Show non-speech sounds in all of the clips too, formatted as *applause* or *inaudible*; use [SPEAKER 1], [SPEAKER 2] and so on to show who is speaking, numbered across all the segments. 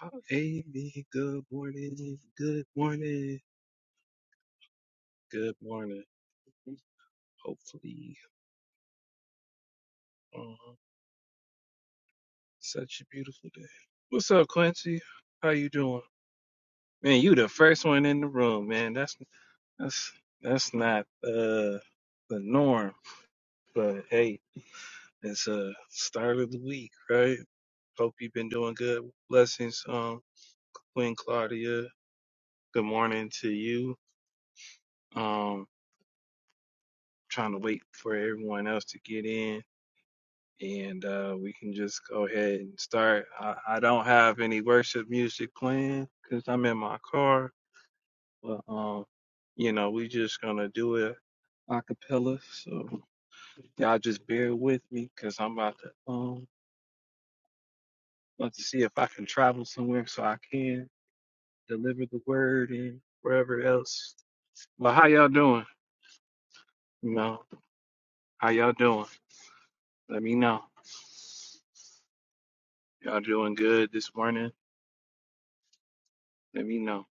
[SPEAKER 1] Oh, Baby, good morning, good morning, good morning. Hopefully, um, such a beautiful day. What's up, Quincy? How you doing? Man, you the first one in the room, man. That's that's that's not uh the norm, but hey, it's a start of the week, right? Hope you've been doing good. Blessings, um, Queen Claudia. Good morning to you. Um, trying to wait for everyone else to get in. and uh, we can just go ahead and start. I, I don't have any worship music playing because I'm in my car, but um, you know, we just gonna do it a cappella. So y'all just bear with me because I'm about to um about to see if I can travel somewhere so I can deliver the word and wherever else. But how y'all doing? You know, how y'all doing? Let me know. Y'all doing good this morning? Let me know.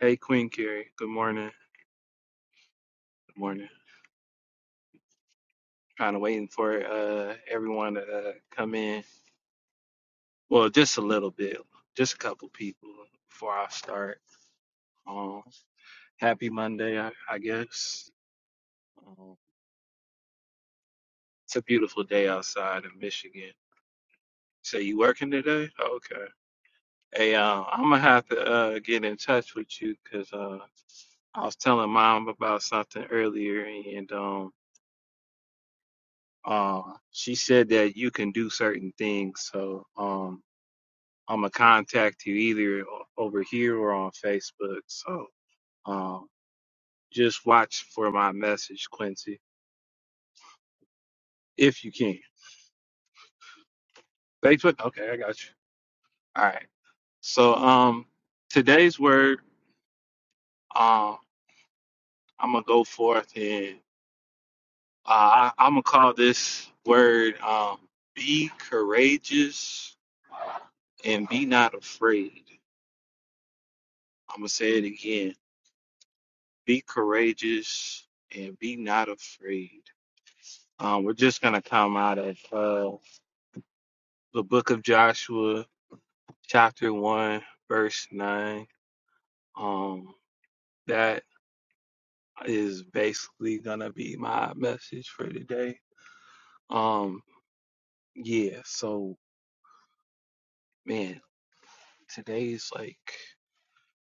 [SPEAKER 1] Hey, Queen Carrie. Good morning. Good morning. kind of waiting for uh everyone to uh, come in. Well, just a little bit, just a couple people before I start. Um, happy Monday, I, I guess. Um, it's a beautiful day outside in Michigan. So you working today? Okay. Hey, uh, I'm gonna have to uh, get in touch with you because uh, I was telling mom about something earlier, and um, uh, she said that you can do certain things. So um, I'm gonna contact you either o- over here or on Facebook. So um, just watch for my message, Quincy, if you can. Facebook, okay, I got you. All right. So um, today's word, um, I'm gonna go forth and uh, I, I'm gonna call this word um, "be courageous and be not afraid." I'm gonna say it again: be courageous and be not afraid. Um, we're just going to come out of uh, the book of Joshua, chapter 1, verse 9. Um, that is basically going to be my message for today. Um, yeah, so man, today is like,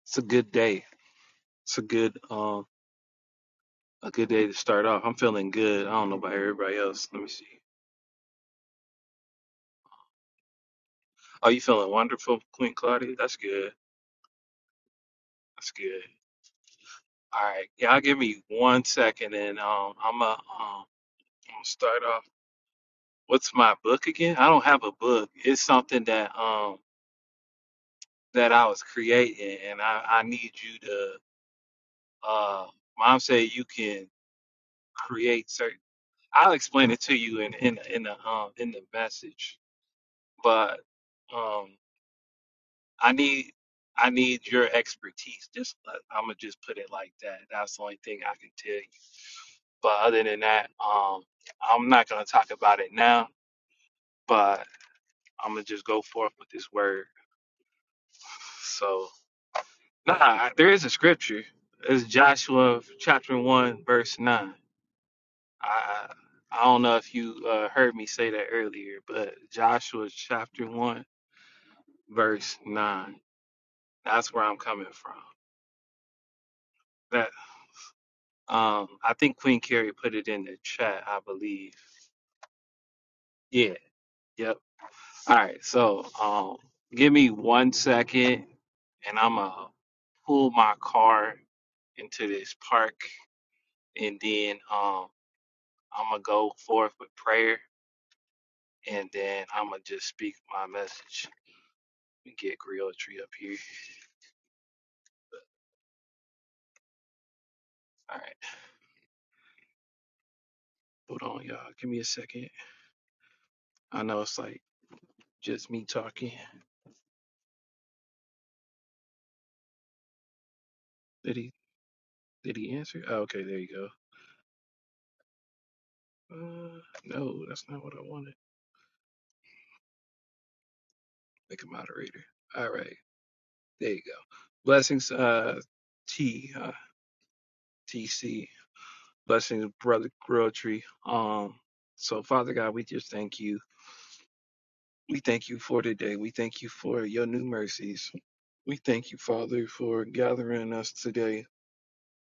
[SPEAKER 1] it's a good day. It's a good, um, a good day to start off. I'm feeling good. I don't know about everybody else. Let me see. Oh, you feeling wonderful, Queen Claudia? That's good. That's good. All right. Yeah, I'll give me one second and um I'm a um gonna start off. What's my book again? I don't have a book. It's something that um that I was creating, and I I need you to uh mom said you can create certain. I'll explain it to you in in in the um in the message, but um I need I need your expertise. Just I'm gonna just put it like that. That's the only thing I can tell you. But other than that, um I'm not gonna talk about it now. But I'm gonna just go forth with this word. So. Nah, I- there is a scripture. It's Joshua chapter one verse nine. I I don't know if you uh, heard me say that earlier, but Joshua chapter one verse nine. That's where I'm coming from. That um, I think Queen Carrie put it in the chat. I believe. Yeah. Yep. All right. So um, give me one second, and I'm gonna pull my car into this park, and then um. I'm gonna go forth with prayer, and then I'm gonna just speak my message. Let me get Griotry up here. All right, hold on, y'all. Give me a second. I know it's like just me talking. Did he? Did he answer? Oh, okay, there you go. Uh, no, that's not what I wanted. Make a moderator. All right, there you go. Blessings, uh, T, uh, TC. Blessings, brother Griotry. Um, so Father God, we just thank you. We thank you for today. We thank you for your new mercies. We thank you, Father, for gathering us today.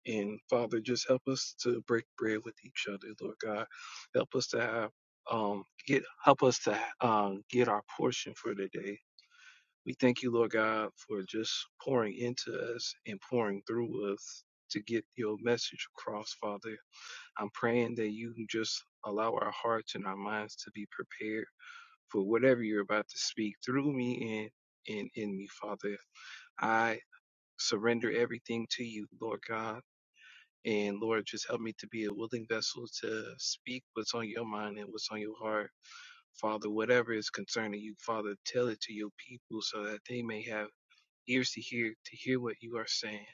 [SPEAKER 1] And Father, just help us to break bread with each other, Lord God. Help us to have um get help us to um get our portion for today. We thank you, Lord God, for just pouring into us and pouring through us to get your message across, Father. I'm praying that you can just allow our hearts and our minds to be prepared for whatever you're about to speak through me and and in me, Father. I surrender everything to you, Lord God. And Lord, just help me to be a willing vessel to speak what's on your mind and what's on your heart. Father, whatever is concerning you, Father, tell it to your people so that they may have ears to hear, to hear what you are saying.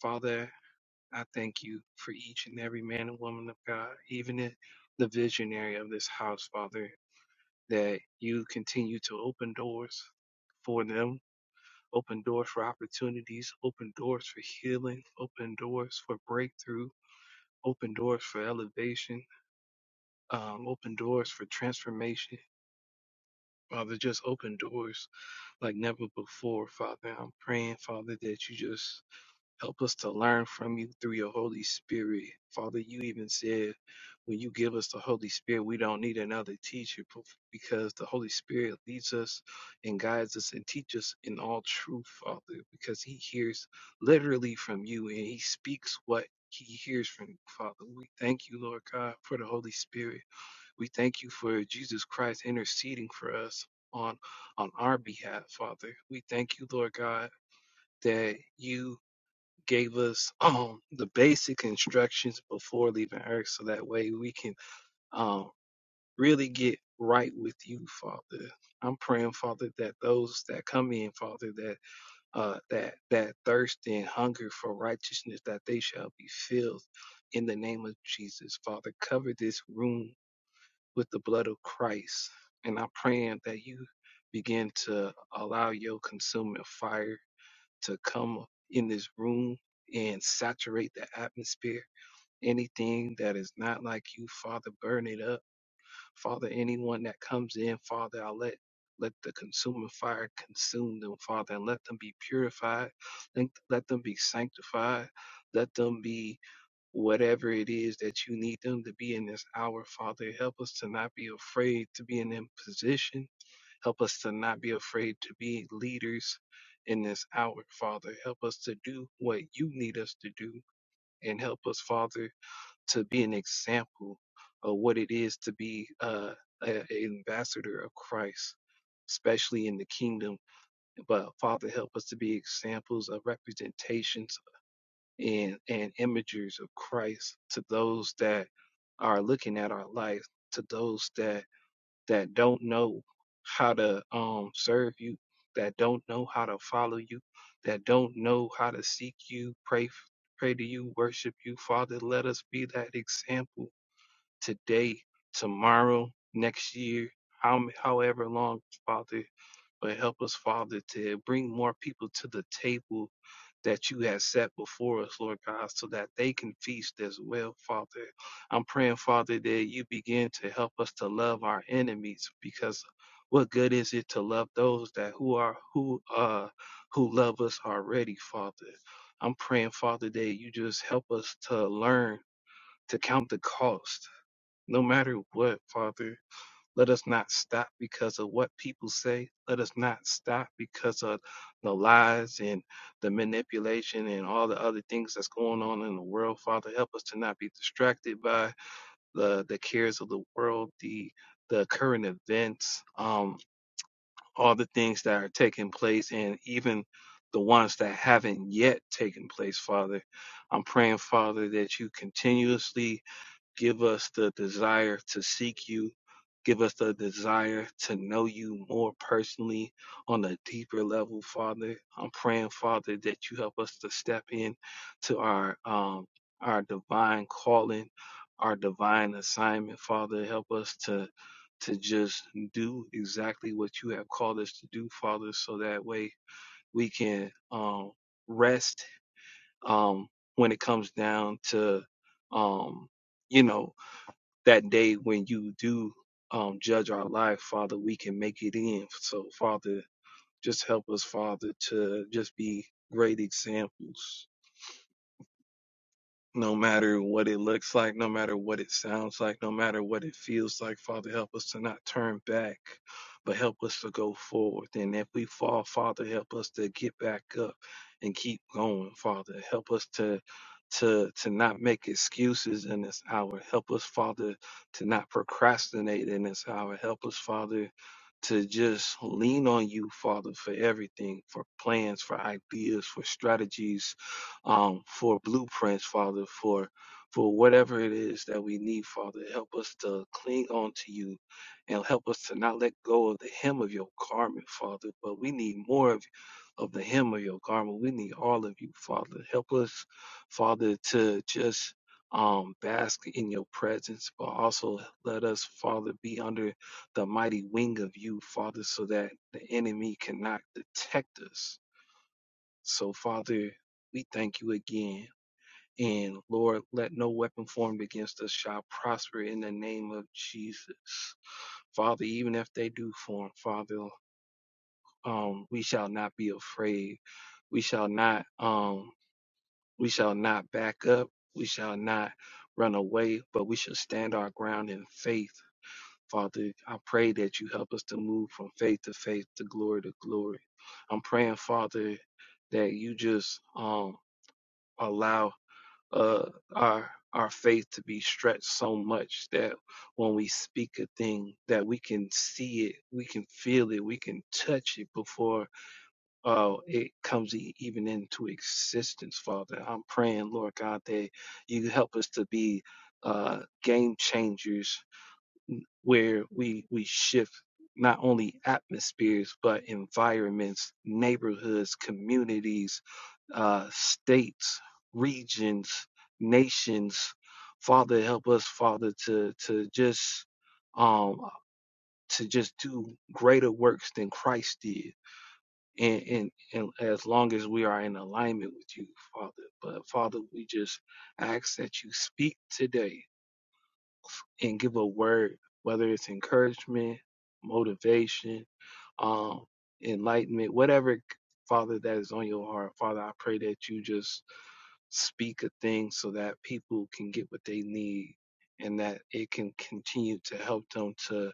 [SPEAKER 1] Father, I thank you for each and every man and woman of God, even the the visionary of this house, Father, that you continue to open doors for them open doors for opportunities, open doors for healing, open doors for breakthrough, open doors for elevation, um, open doors for transformation. Father, just open doors like never before, Father. I'm praying, Father, that you just Help us to learn from you through your Holy Spirit. Father, you even said when you give us the Holy Spirit, we don't need another teacher p- because the Holy Spirit leads us and guides us and teaches us in all truth, Father, because He hears literally from you and He speaks what He hears from you, Father. We thank you, Lord God, for the Holy Spirit. We thank you for Jesus Christ interceding for us on on our behalf, Father. We thank you, Lord God, that you gave us *laughs* um, the basic instructions before leaving earth so that way we can um, really get right with you father i'm praying father that those that come in father that uh that that thirst and hunger for righteousness that they shall be filled in the name of jesus father cover this room with the blood of christ and i'm praying that you begin to allow your consuming fire to come in this room and saturate the atmosphere. Anything that is not like you, Father, burn it up. Father, anyone that comes in, Father, I let let the consuming fire consume them, Father, and let them be purified. Let, let them be sanctified. Let them be whatever it is that you need them to be in this hour, Father. Help us to not be afraid to be in that position Help us to not be afraid to be leaders in this hour, Father. Help us to do what you need us to do and help us, Father, to be an example of what it is to be uh, an ambassador of Christ, especially in the kingdom. But Father, help us to be examples of representations and, and imagers of Christ to those that are looking at our life, to those that that don't know how to um, serve you, that don't know how to follow you, that don't know how to seek you, pray, pray to you, worship you. Father, let us be that example today, tomorrow, next year, how, however long, Father. But help us, Father, to bring more people to the table that you have set before us, Lord God, so that they can feast as well, Father. I'm praying, Father, that you begin to help us to love our enemies because what good is it to love those that who are who uh who love us already, Father? I'm praying, Father, that you just help us to learn to count the cost, no matter what, Father let us not stop because of what people say. Let us not stop because of the lies and the manipulation and all the other things that's going on in the world. Father, help us to not be distracted by the, the cares of the world, the the current events, um, all the things that are taking place, and even the ones that haven't yet taken place, Father. I'm praying, Father, that you continuously Give us the desire to seek you. Give us the desire to know you more personally on a deeper level, Father. I'm praying, Father, that you help us to step in to our um, our divine calling, our divine assignment, Father. Help us to to just do exactly what you have called us to do, Father, so that way we can um, rest um, when it comes down to um, you know that day when you do um, judge our life, Father, we can make it in. So, Father, just help us, Father, to just be great examples no matter what it looks like, no matter what it sounds like, no matter what it feels like, Father, help us to not turn back, but help us to go forward. And if we fall, Father, help us to get back up and keep going, Father. Help us to to to not make excuses in this hour. Help us, Father, to not procrastinate in this hour. Help us, Father, to just lean on you, Father, for everything, for plans, for ideas, for strategies, um, for blueprints, Father, for for whatever it is that we need, Father. Help us to cling on to you and help us to not let go of the hem of your garment, Father. But we need more of of the hem of your garment. We need all of you, Father. Help us, Father, to just um bask in your presence, but also let us, Father, be under the mighty wing of you, Father, so that the enemy cannot detect us. So, Father, we thank you again and Lord, let no weapon formed against us shall prosper in the name of Jesus. Father, even if they do form, Father, um, we shall not be afraid. We shall not um we shall not back up. We shall not run away, but we shall stand our ground in faith. Father, I pray that you help us to move from faith to faith to glory to glory. I'm praying, Father, that you just um allow uh, our our faith to be stretched so much that when we speak a thing that we can see it we can feel it we can touch it before uh, it comes e- even into existence father i'm praying lord god that you help us to be uh, game changers where we we shift not only atmospheres but environments, neighborhoods, communities, uh, states, regions, nations. Father, help us, Father, to to just um to just do greater works than Christ did. And, and and as long as we are in alignment with you, Father. But Father, we just ask that you speak today and give a word, whether it's encouragement, motivation, um, enlightenment, whatever, Father, that is on your heart. Father, I pray that you just speak a thing so that people can get what they need and that it can continue to help them to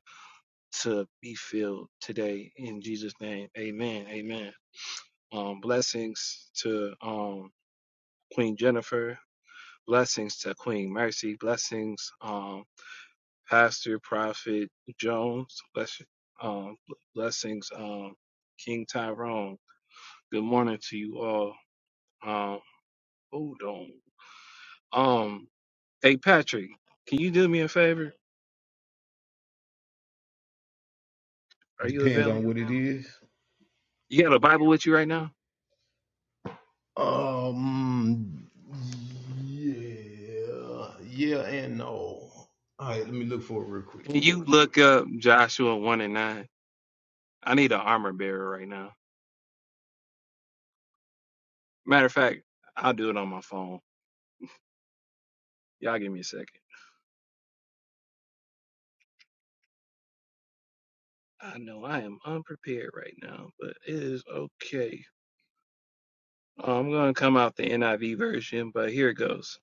[SPEAKER 1] to be filled today in Jesus name. Amen. Amen. Um blessings to um Queen Jennifer, blessings to Queen Mercy, blessings um, Pastor Prophet Jones. Bless, um, blessings, um, King Tyrone. Good morning to you all. Um, hold on. Um, hey Patrick, can you do me a favor? Are you
[SPEAKER 2] Depends on
[SPEAKER 1] available?
[SPEAKER 2] what it is.
[SPEAKER 1] You got a Bible with you right now?
[SPEAKER 2] Um, yeah, yeah, and no. All right, let me look for it real quick.
[SPEAKER 1] Can you look up Joshua one and nine? I need an armor bearer right now. Matter of fact, I'll do it on my phone. Y'all give me a second. I know I am unprepared right now, but it is okay. I'm going to come out the NIV version, but here it goes.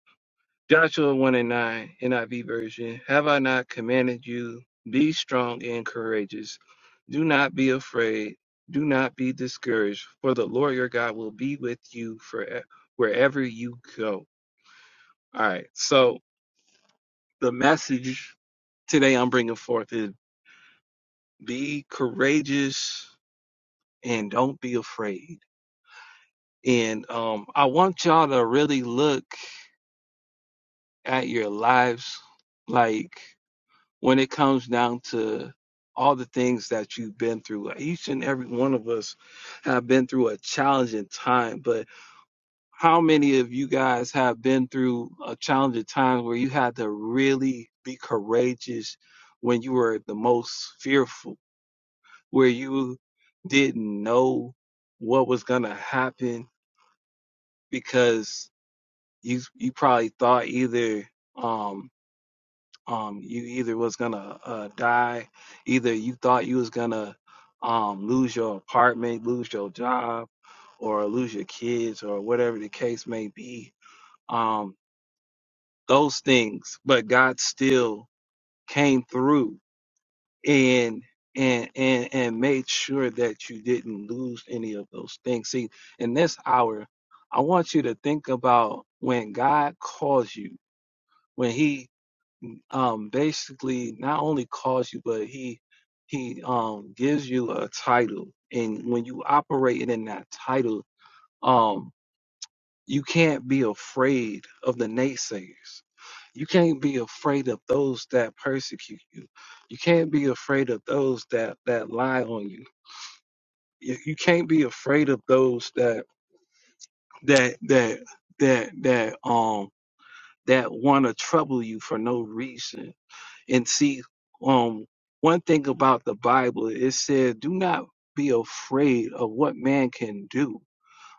[SPEAKER 1] Joshua 1 and 9, NIV version. Have I not commanded you, be strong and courageous? Do not be afraid. Do not be discouraged, for the Lord your God will be with you for wherever you go. All right. So the message today I'm bringing forth is be courageous and don't be afraid And um, I want y'all to really look at your lives, like when it comes down to all the things that you've been through. Like, Each and every one of us have been through a challenging time, but how many of you guys have been through a challenging time where you had to really be courageous when you were the most fearful, where you didn't know what was going to happen because you you probably thought either um um you either was gonna uh die, either you thought you was gonna um lose your apartment, lose your job, or lose your kids, or whatever the case may be. Um, those things, but God still came through and and and and made sure that you didn't lose any of those things. See, in this hour, I want you to think about when God calls you, when He um, basically not only calls you, but he he um, gives you a title, and when you operating in that title, um, you can't be afraid of the naysayers. You can't be afraid of those that persecute you. You can't be afraid of those that that lie on you. You, you can't be afraid of those that that that that that um that want to trouble you for no reason and see um one thing about the bible it said do not be afraid of what man can do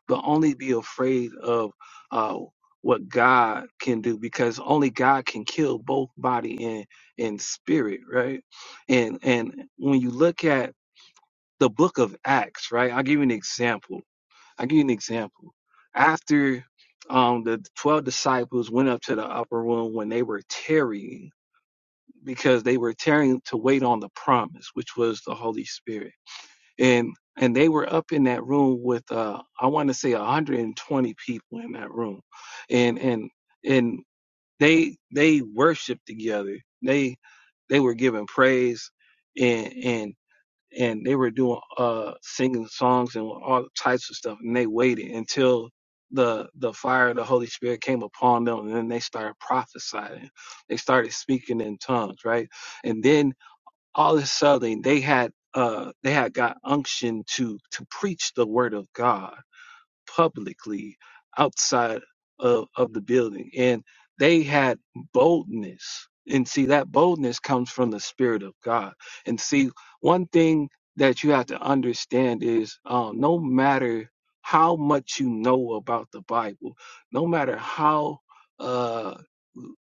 [SPEAKER 1] but only be afraid of uh what god can do because only god can kill both body and and spirit right and and when you look at the book of acts right i'll give you an example i'll give you an example after um the 12 disciples went up to the upper room when they were tarrying because they were tearing to wait on the promise, which was the Holy Spirit. And and they were up in that room with uh I want to say 120 people in that room. And and and they they worshiped together. They they were giving praise and and and they were doing uh singing songs and all types of stuff and they waited until the the fire of the holy spirit came upon them and then they started prophesying they started speaking in tongues right and then all of a sudden they had uh they had got unction to to preach the word of god publicly outside of, of the building. And they had boldness. And see, that boldness comes from the Spirit of God. And see, one thing that you have to understand is um, no matter how much you know about the Bible, no matter how uh,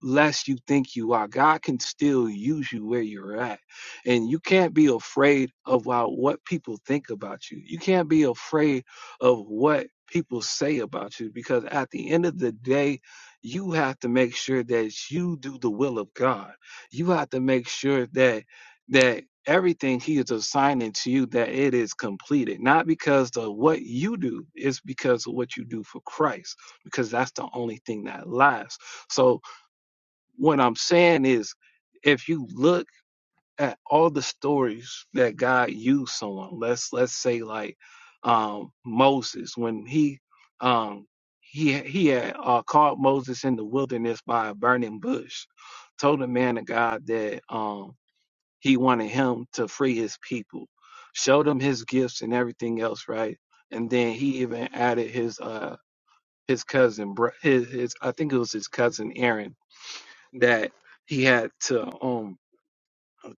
[SPEAKER 1] less you think you are, God can still use you where you're at. And you can't be afraid of uh, what people think about you. You can't be afraid of what people say about you because at the end of the day you have to make sure that you do the will of God. You have to make sure that that everything he is assigning to you that it is completed not because of what you do it's because of what you do for Christ because that's the only thing that lasts. So what I'm saying is if you look at all the stories that God used someone. Let's let's say like um Moses when he um he he had uh, called Moses in the wilderness by a burning bush, told the man of God that um he wanted him to free his people, showed him his gifts and everything else, right? And then he even added his uh his cousin, bro- his his I think it was his cousin Aaron that he had to um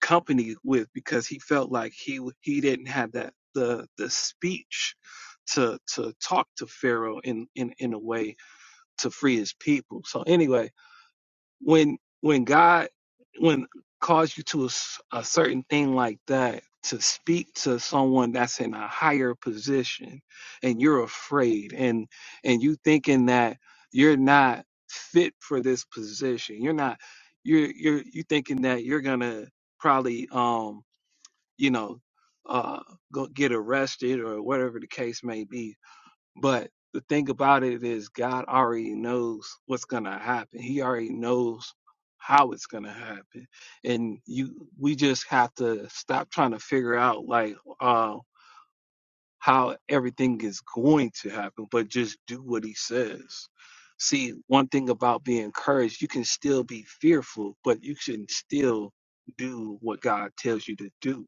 [SPEAKER 1] company with because he felt like he he didn't have that the the speech to to talk to Pharaoh in in in a way to free his people. So anyway, when when God when calls you to a, s- a certain thing like that to speak to someone that's in a higher position and you're afraid and and you thinking that you're not fit for this position you're not you're you're you thinking that you're gonna probably um you know uh go get arrested or whatever the case may be but the thing about it is, God already knows what's going to happen. He already knows how it's going to happen, and you we just have to stop trying to figure out like uh, how everything is going to happen, but just do what He says. See, one thing about being encouraged, you can still be fearful, but you can still do what God tells you to do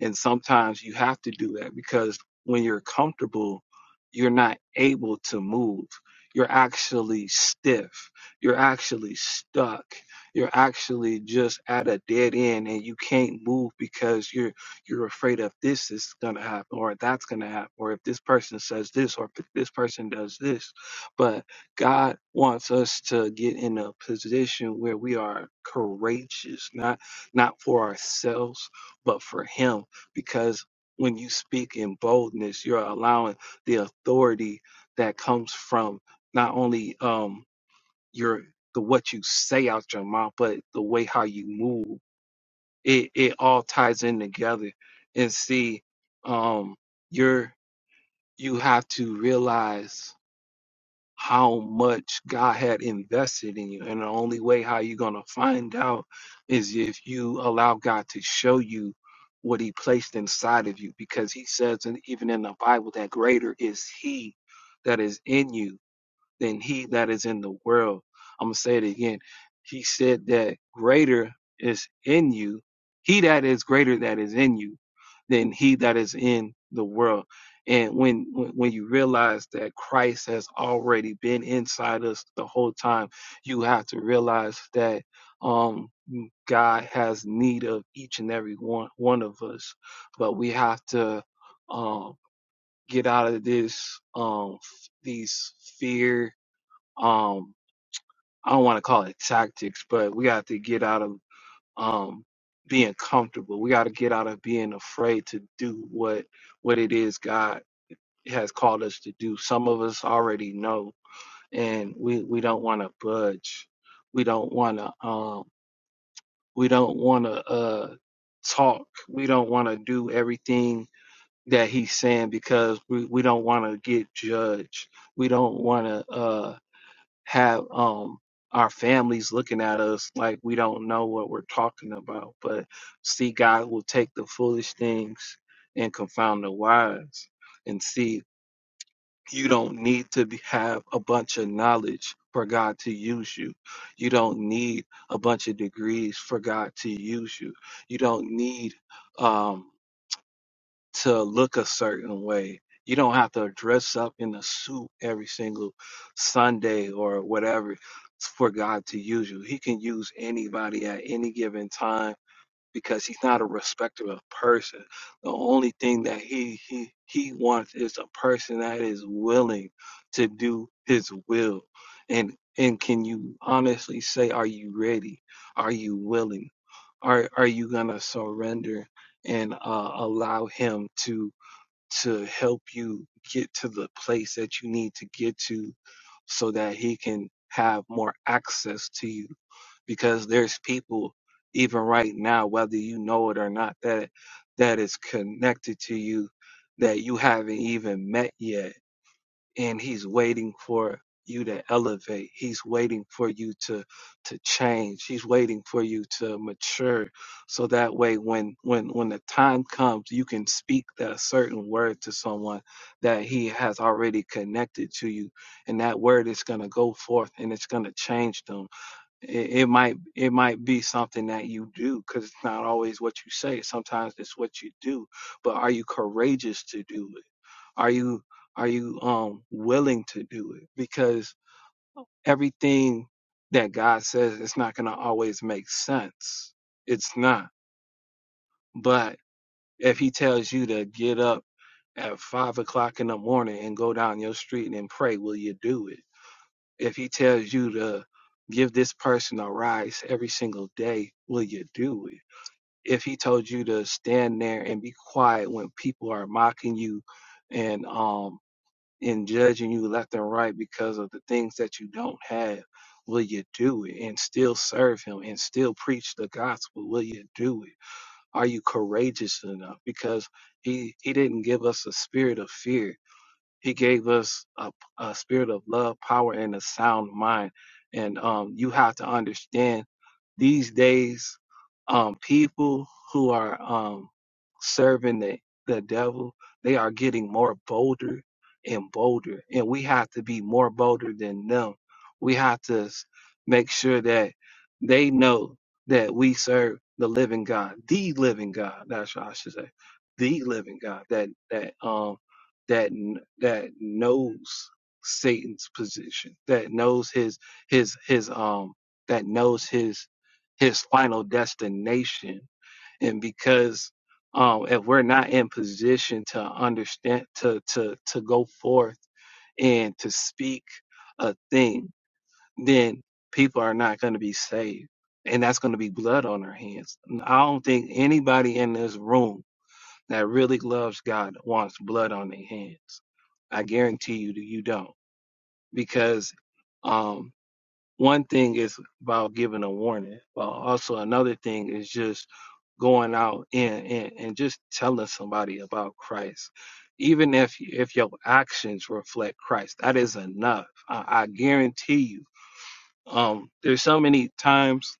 [SPEAKER 1] and sometimes you have to do that because when you're comfortable, you're not able to move. You're actually stiff. You're actually stuck. You're actually just at a dead end and you can't move because you're you're afraid of this is gonna happen or that's gonna happen or if this person says this or if this person does this. But God wants us to get in a position where we are courageous, not not for ourselves, but for him because when you speak in boldness, you're allowing the authority that comes from not only um your the what you say out your mouth, but the way how you move. It it all ties in together. And see, um, you're you have to realize how much God had invested in you. And the only way how you're going to find out is if you allow God to show you what he placed inside of you because he says and even in the Bible that greater is he that is in you than he that is in the world. I'm going to say it again. He said that greater is in you, he that is greater that is in you than he that is in the world. And when when you realize that Christ has already been inside us the whole time, you have to realize that um God has need of each and every one one of us. But we have to um get out of this um these fear um I don't want to call it tactics, but we got to get out of um being comfortable. We got to get out of being afraid to do what what it is God has called us to do. Some of us already know and we we don't want to budge. We don't want to um we don't want to uh talk. We don't want to do everything that he's saying because we we don't want to get judged. We don't want to have um our families looking at us like we don't know what we're talking about. But see, God will take the foolish things and confound the wise. And see, you don't need to be, have a bunch of knowledge for God to use you. You don't need a bunch of degrees for God to use you. You don't need um to look a certain way. You don't have to dress up in a suit every single Sunday or whatever for God to use you. He can use anybody at any given time because he's not a respecter of person. The only thing that he he he wants is a person that is willing to do his will. And and can you honestly say are you ready? Are you willing? Are are you going to surrender and uh, allow him to to help you get to the place that you need to get to so that he can have more access to you because there's people even right now whether you know it or not that that is connected to you that you haven't even met yet and he's waiting for you to elevate he's waiting for you to to change he's waiting for you to mature so that way when when when the time comes you can speak that certain word to someone that he has already connected to you and that word is going to go forth and it's going to change them it, it might it might be something that you do because it's not always what you say sometimes it's what you do but are you courageous to do it are you are you um willing to do it? Because everything that God says it's not gonna always make sense. It's not. But if he tells you to get up at five o'clock in the morning and go down your street and pray, will you do it? If he tells you to give this person a rise every single day, will you do it? If he told you to stand there and be quiet when people are mocking you and um and judging you left and right because of the things that you don't have. Will you do it and still serve him and still preach the gospel? Will you do it? Are you courageous enough? Because he he didn't give us a spirit of fear. He gave us a, a spirit of love, power, and a sound mind. And um, you have to understand these days, um, people who are um, serving the, the devil, they are getting more bolder and bolder. And we have to be more bolder than them. We have to s- make sure that they know that we serve the living God, the living God. That's what I should say. The living God. That that um, that that knows Satan's position, that knows his his his um that knows his his final destination, and because um if we're not in position to understand to to to go forth and to speak a thing, then people are not going to be saved. And that's going to be blood on their hands. I don't think anybody in this room that really loves God wants blood on their hands. I guarantee you that you don't. Because um, one thing is about giving a warning, but also another thing is just going out and, and, and just telling somebody about Christ. Even if if your actions reflect Christ, that is enough. I, I guarantee you. Um, there's so many times.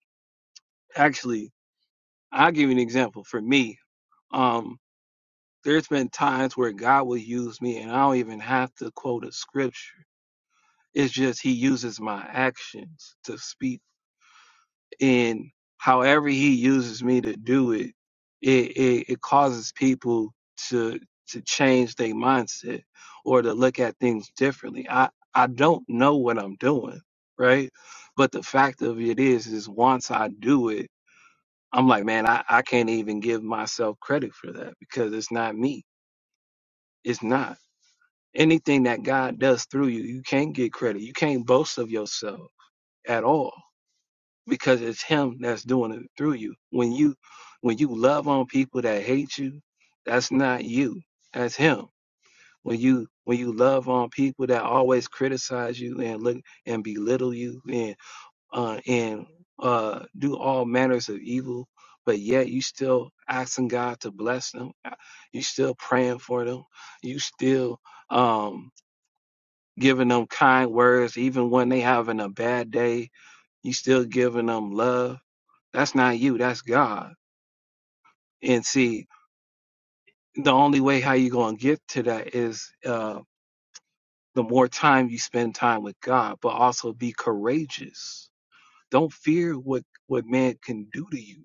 [SPEAKER 1] Actually, I'll give you an example. For me, um, There's been times where God will use me and I don't even have to quote a scripture. It's just he uses my actions to speak. And however he uses me to do it, it, it, it causes people to to change their mindset or to look at things differently. I, I don't know what I'm doing, right? But the fact of it is, is once I do it, I'm like, man, I, I can't even give myself credit for that because it's not me. It's not. anything that God does through you, you can't get credit. You can't boast of yourself at all because it's him that's doing it through you. When you when you love on people that hate you, that's not you. That's him. When you when you love on people that always criticize you and look and belittle you and uh and uh do all manners of evil, but yet you still asking God to bless them. You still praying for them. You still um giving them kind words, even when they having a bad day, you still giving them love. That's not you, that's God. And see, the only way how you gonna get to that is uh the more time you spend time with God, but also be courageous. Don't fear what, what man can do to you.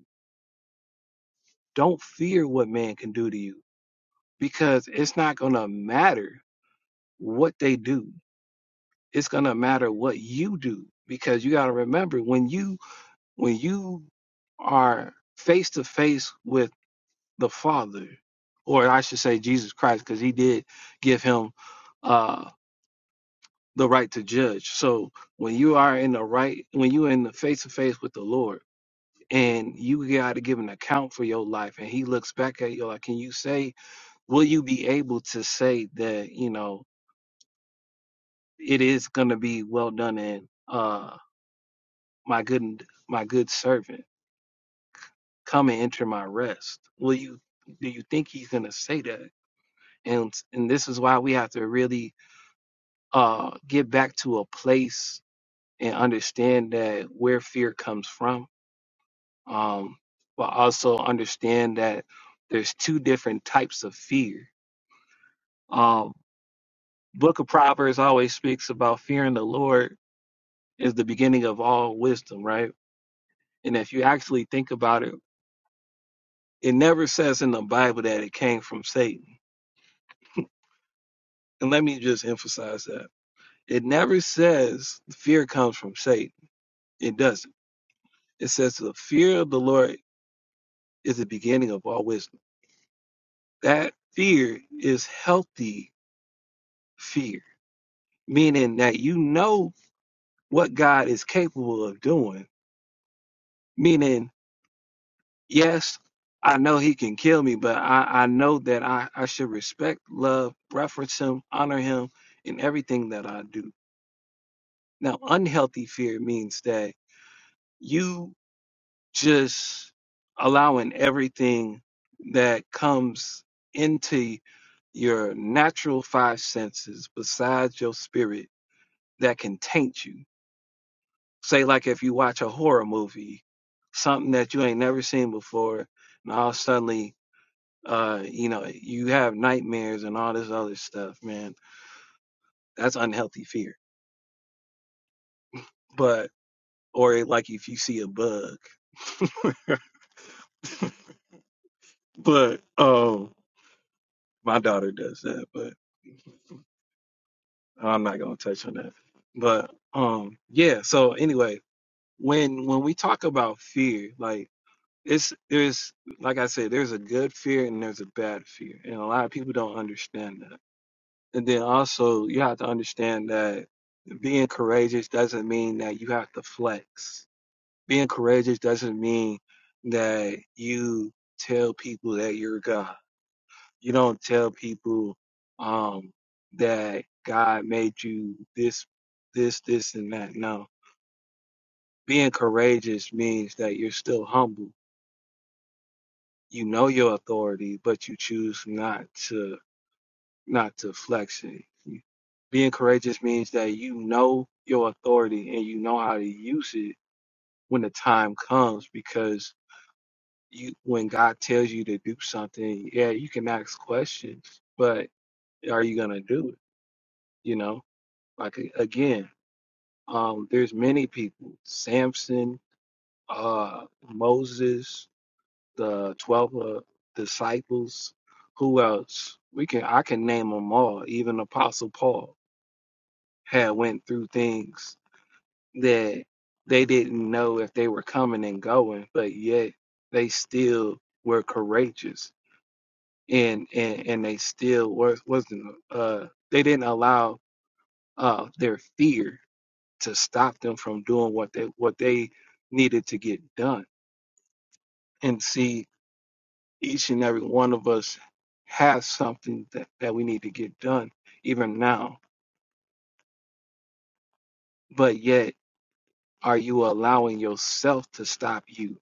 [SPEAKER 1] Don't fear what man can do to you because it's not gonna matter what they do. It's gonna matter what you do because you gotta remember when you when you are face to face with the Father, or I should say Jesus Christ, because He did give him uh, the right to judge. So when you are in the right, when you are in the face to face with the Lord, and you got to give an account for your life, and He looks back at you like, can you say, will you be able to say that you know it is going to be well done and uh, my good my good servant? come and enter my rest. Will you do you think he's gonna say that? And and this is why we have to really uh get back to a place and understand that where fear comes from. Um but also understand that there's two different types of fear. Um Book of Proverbs always speaks about fearing the Lord is the beginning of all wisdom, right? And if you actually think about it, it never says in the Bible that it came from Satan. And let me just emphasize that It never says fear comes from Satan. It doesn't. It says the fear of the Lord is the beginning of all wisdom. That fear is healthy fear, meaning that you know what God is capable of doing. Meaning, yes, I know he can kill me, but I, I know that I, I should respect, love, reference him, honor him in everything that I do. Now, unhealthy fear means that you just allowing everything that comes into your natural five senses besides your spirit that can taint you. Say, like if you watch a horror movie, something that you ain't never seen before, and all suddenly, uh, you know, you have nightmares and all this other stuff, man. That's unhealthy fear. But, or like if you see a bug, *laughs* but, oh, my daughter does that, but. Oh, I'm not gonna touch on that. But um yeah, so anyway, when when we talk about fear, like it's there's like I said, there's a good fear and there's a bad fear. And a lot of people don't understand that. And then also you have to understand that being courageous doesn't mean that you have to flex. Being courageous doesn't mean that you tell people that you're God you don't tell people um, that God made you this, this, this, and that. No, being courageous means that you're still humble. You know your authority, but you choose not to not to flex it. Being courageous means that you know your authority and you know how to use it when the time comes. Because you, when God tells you to do something, yeah, you can ask questions, but are you gonna do it? You know. Like a- again, um, there's many people: Samson, uh, Moses, the twelve uh, disciples. Who else? We can I can name them all. Even Apostle Paul had went through things that they didn't know if they were coming and going, but yet they still were courageous and and and they still was wasn't uh they didn't allow uh their fear to stop them from doing what they what they needed to get done. And see, each and every one of us has something that, that we need to get done, even now. But yet, are you allowing yourself to stop you?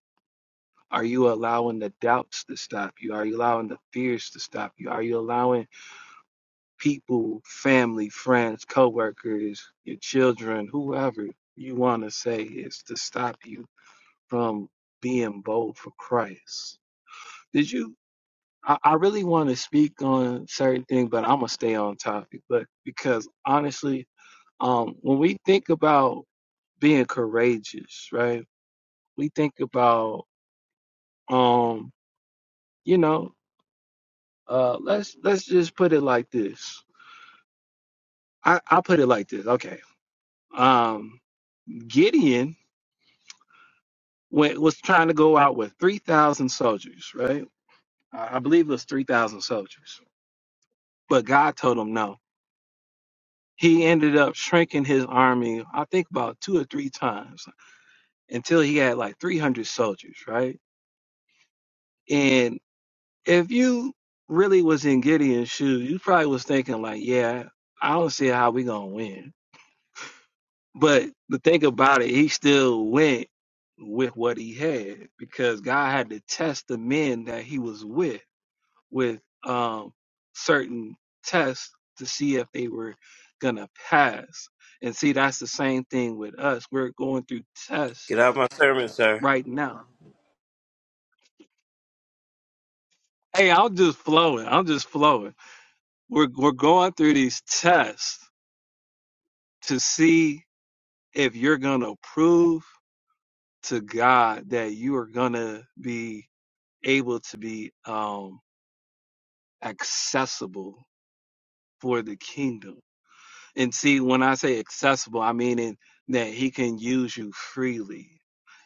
[SPEAKER 1] Are you allowing the doubts to stop you? Are you allowing the fears to stop you? Are you allowing people, family, friends, coworkers, your children, whoever you want to say is to stop you from being bold for Christ? Did you I, I really want to speak on certain things, but I'm gonna stay on topic. But because honestly, um, when we think about being courageous, right? We think about, um, you know, uh, let's let's just put it like this. I I put it like this. Okay. Um, Gideon went, was trying to go out with three thousand soldiers, right? I, I believe it was three thousand soldiers, but God told him no he ended up shrinking his army, I think about two or three times. until he had like 300 soldiers, right? And if you really was in Gideon's shoes, you probably was thinking like, yeah, I don't see how we gonna win. But the thing about it, he still went with what he had because God had to test the men that he was with with um, certain tests to see if they were gonna pass. And see, that's the same thing with us. We're going through tests
[SPEAKER 3] Get out my sermon, sir.
[SPEAKER 1] right now Hey, I'm just flowing. I'm just flowing. We're we're going through these tests to see if you're gonna prove to God that you are gonna be able to be um accessible for the kingdom. And see, when I say accessible, I mean in, that He can use you freely.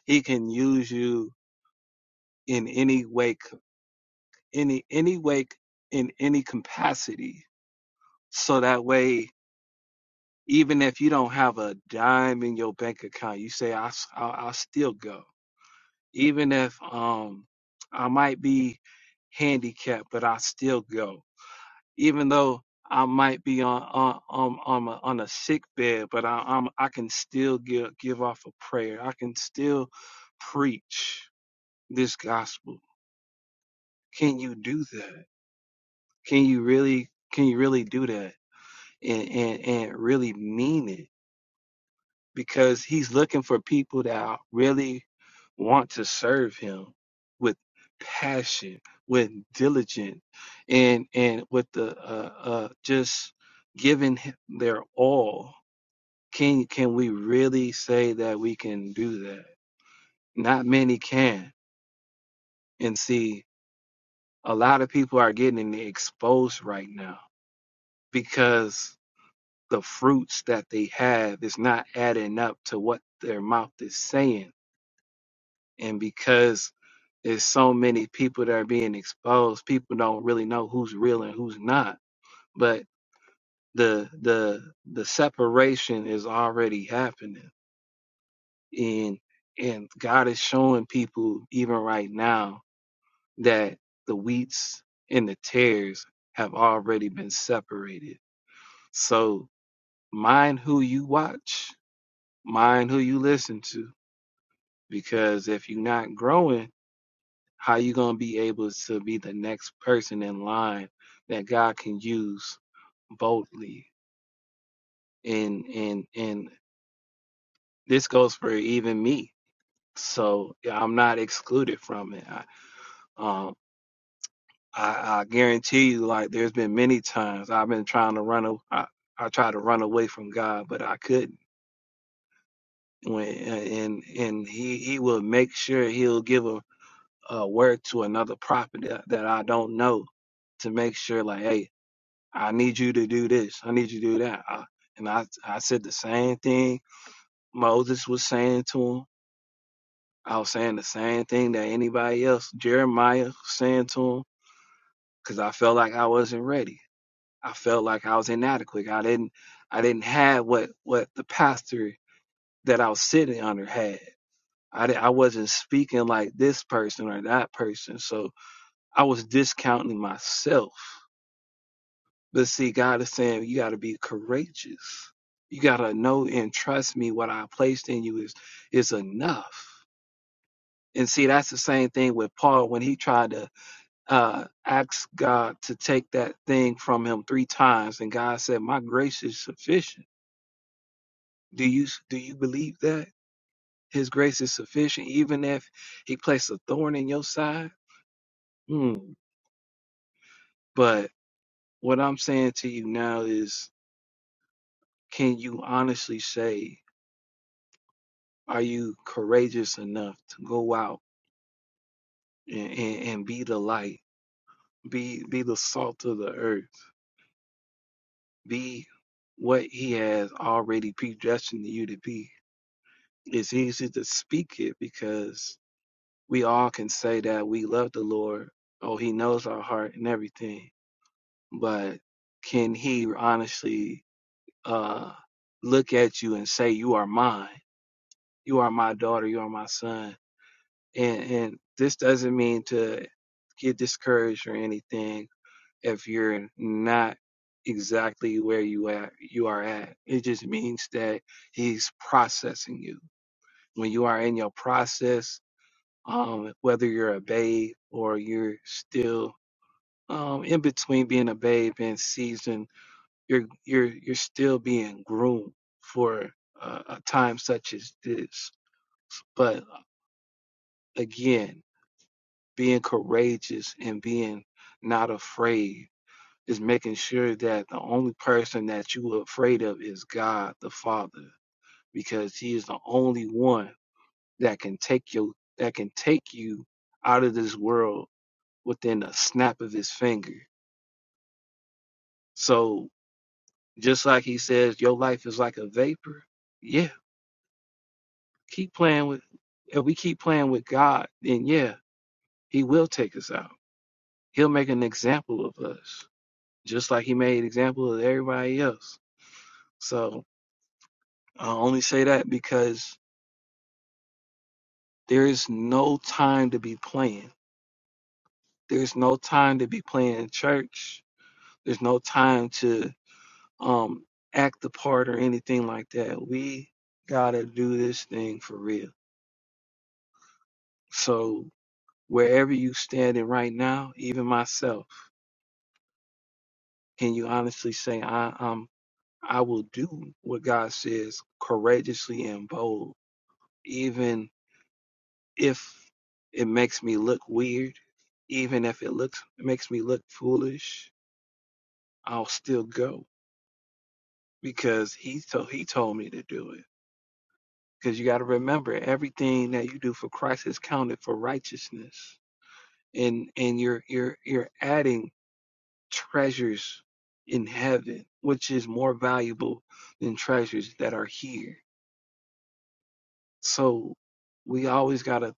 [SPEAKER 1] He can use you in any way, any any way, in any capacity. So that way even if you don't have a dime in your bank account, you say I i will still go. Even if um I might be handicapped, but I still go. Even though I might be on on on on a, on a sick bed, but I, I'm I can still give give off a prayer. I can still preach this gospel. Can you do that? Can you really can you really do that and and, and really mean it? because he's looking for people that really want to serve him with passion, with diligence, and and with the uh, uh, just giving their all. Can can we really say that we can do that? Not many can. And see, a lot of people are getting exposed right now because the fruits that they have is not adding up to what their mouth is saying And because there's so many people that are being exposed, people don't really know who's real and who's not. But the the the separation is already happening. And and God is showing people even right now that the wheats and the tares have already been separated. So mind who you watch, mind who you listen to. Because if you're not growing How you gonna be able to be the next person in line that God can use boldly? And and and this goes for even me. So yeah, I'm not excluded from it. I, um, I, I guarantee you, like there's been many times I've been trying to run. a- I I tried to run away from God, but I couldn't. When and and he he will make sure he'll give a, a word to another prophet that, that I don't know to make sure like, hey, I need you to do this. I need you to do that. I, and I, I said the same thing Moses was saying to him. I was saying the same thing that anybody else, Jeremiah, was saying to him, because I felt like I wasn't ready. I felt like I was inadequate. I didn't, I didn't have what what the pastor that I was sitting under had. I, I wasn't speaking like this person or that person. So I was discounting myself But see, God is saying you got to be courageous. You got to know and trust me. What I placed in you is is enough. And see, that's the same thing with Paul when he tried to uh, ask God to take that thing from him three times, and God said, "My grace is sufficient." Do you do you believe that His grace is sufficient, even if He placed a thorn in your side? Hmm. But what I'm saying to you now is, can you honestly say? Are you courageous enough to go out and, and, and be the light, be be the salt of the earth, be what He has already predestined you to be? It's easy to speak it because we all can say that we love the Lord. Oh, He knows our heart and everything, but can He honestly uh, look at you and say, "You are mine. You are my daughter. You are my son." and and this doesn't mean to get discouraged or anything if you're not exactly where you at you are at it just means that he's processing you when you are in your process um whether you're a babe or you're still um in between being a babe and seasoned you're you're you're still being groomed for a, a time such as this but again being courageous and being not afraid is making sure that the only person that you are afraid of is God the Father because he is the only one that can take you that can take you out of this world within a snap of his finger. So just like he says your life is like a vapor. Yeah, keep playing with if we keep playing with God, then yeah, he will take us out. He'll make an example of us. just like he made an example of everybody else. So I only say that because there is no time to be playing. There's no time to be playing in church. There's no time to um act the part or anything like that. We gotta do this thing for real. So wherever you standing right now, even myself, can you honestly say I am? I will do what God says courageously and bold, even if it makes me look weird, even if it looks it makes me look foolish, I'll still go because he told he told me to do it. Because you got to remember, everything that you do for Christ is counted for righteousness, and and you're you're you're adding treasures in heaven, which is more valuable than treasures that are here. So we always got to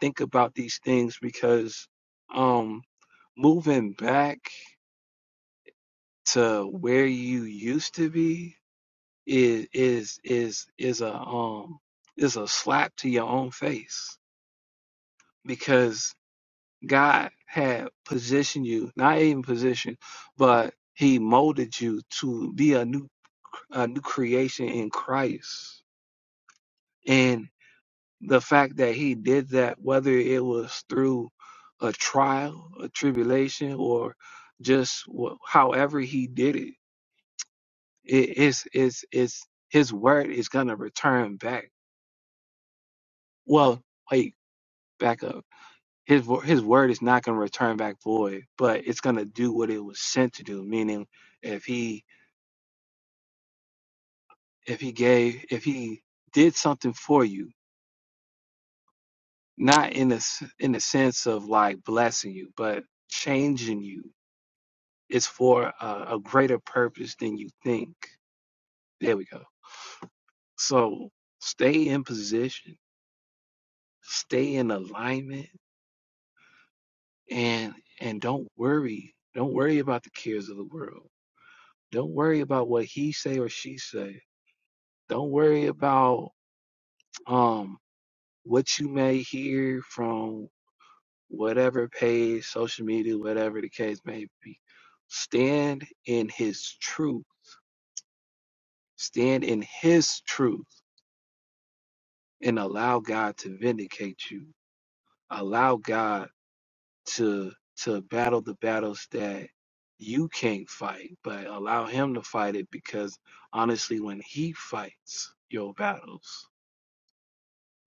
[SPEAKER 1] think about these things because um moving back to where you used to be is is is is a um is a slap to your own face because God had positioned you, not even positioned, but He molded you to be a new a new creation in Christ. And the fact that He did that, whether it was through a trial, a tribulation, or just wh- however He did it It is is is his word is gonna return back. Well, wait, back up. His vo- his word is not gonna return back void, but it's gonna do what it was sent to do. Meaning, if he if he gave if he did something for you, not in the in the sense of like blessing you, but changing you, it's for a, a greater purpose than you think. There we go. So stay in position, stay in alignment and and don't worry don't worry about the cares of the world don't worry about what he say or she say don't worry about um what you may hear from whatever page social media whatever the case may be stand in his truth stand in his truth and allow god to vindicate you allow god to to battle the battles that you can't fight, but allow him to fight it because honestly, when he fights your battles,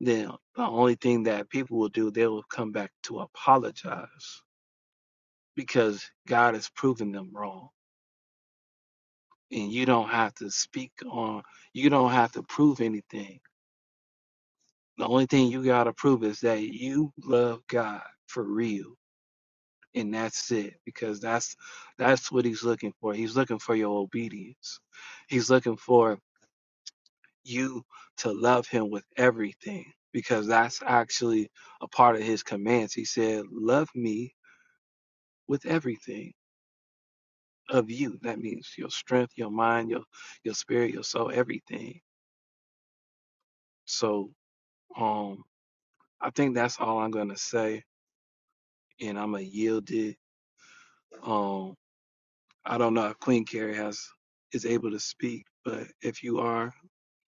[SPEAKER 1] then the only thing that people will do, they will come back to apologize because God has proven them wrong. And you don't have to speak on, you don't have to prove anything. The only thing you got to prove is that you love God for real and that's it because that's that's what he's looking for he's looking for your obedience he's looking for you to love him with everything because that's actually a part of his commands he said love me with everything of you that means your strength your mind your your spirit your soul everything so um i think that's all i'm going to say and i'm going to yield it um i don't know if queen carrie has is able to speak but if you are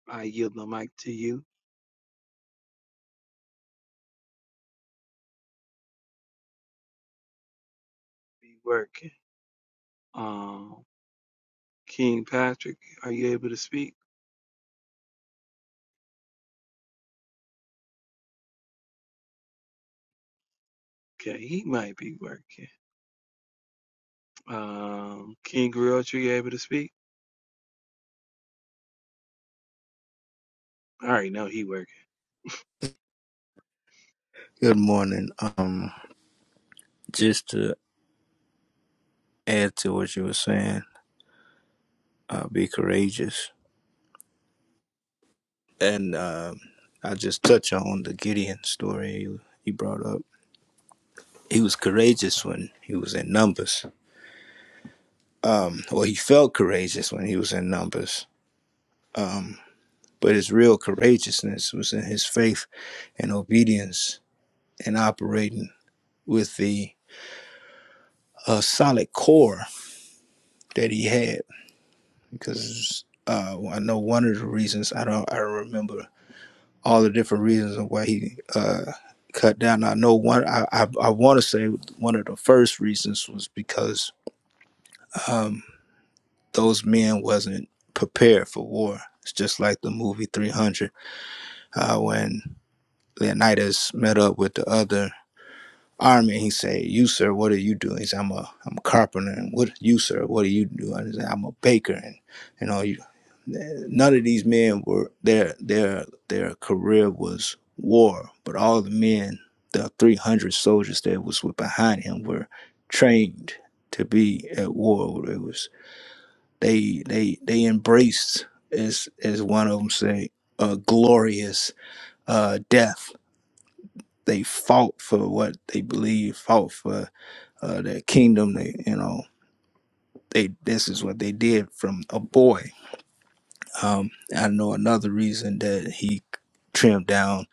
[SPEAKER 1] I yield the mic to you. Be working. Um, King Patrick, are you able to speak? Okay, he might be working. Um, King Griot, you able to speak? All right, no, he working.
[SPEAKER 4] Good morning. Um, just to add to what you were saying, uh, be courageous, and um, I just touch on the Gideon story you, you brought up. He was courageous when he was in numbers. Um, well, he felt courageous when he was in numbers. Um, but his real courageousness was in his faith and obedience and operating with the uh, solid core that he had. Because uh, I know one of the reasons I don't I don't remember all the different reasons of why he uh, cut down. I know one. I I, I want to say one of the first reasons was because um, those men wasn't prepared for war. It's just like the movie Three Hundred uh, when Leonidas met up with the other army. And He said, You, sir, what are you doing? He said, I'm a, I'm a carpenter. And what you, sir, what are you doing? He said, I'm a baker. And, you know, you, none of these men were, their, their, their career was war, but all the men, the 300 soldiers that was with behind him were trained to be at war. It was, they, they, they embraced, as, as one of them say, a glorious uh, death. They fought for what they believed, fought for uh, that kingdom. They, you know, they this is what they did from a boy. Um, I know another reason that he trimmed down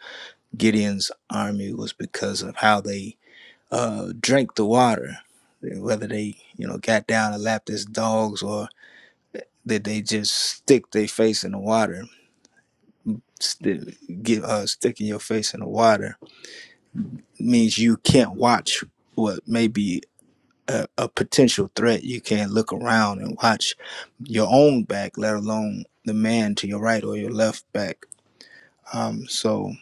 [SPEAKER 4] Gideon's army was because of how they uh, drank the water, whether they you know got down and lapped as dogs or that they just stick their face in the water. Sti get uh, sticking your face in the water means you can't watch what may be a, a potential threat, you can't look around and watch your own back, let alone the man to your right or your left back. Um, so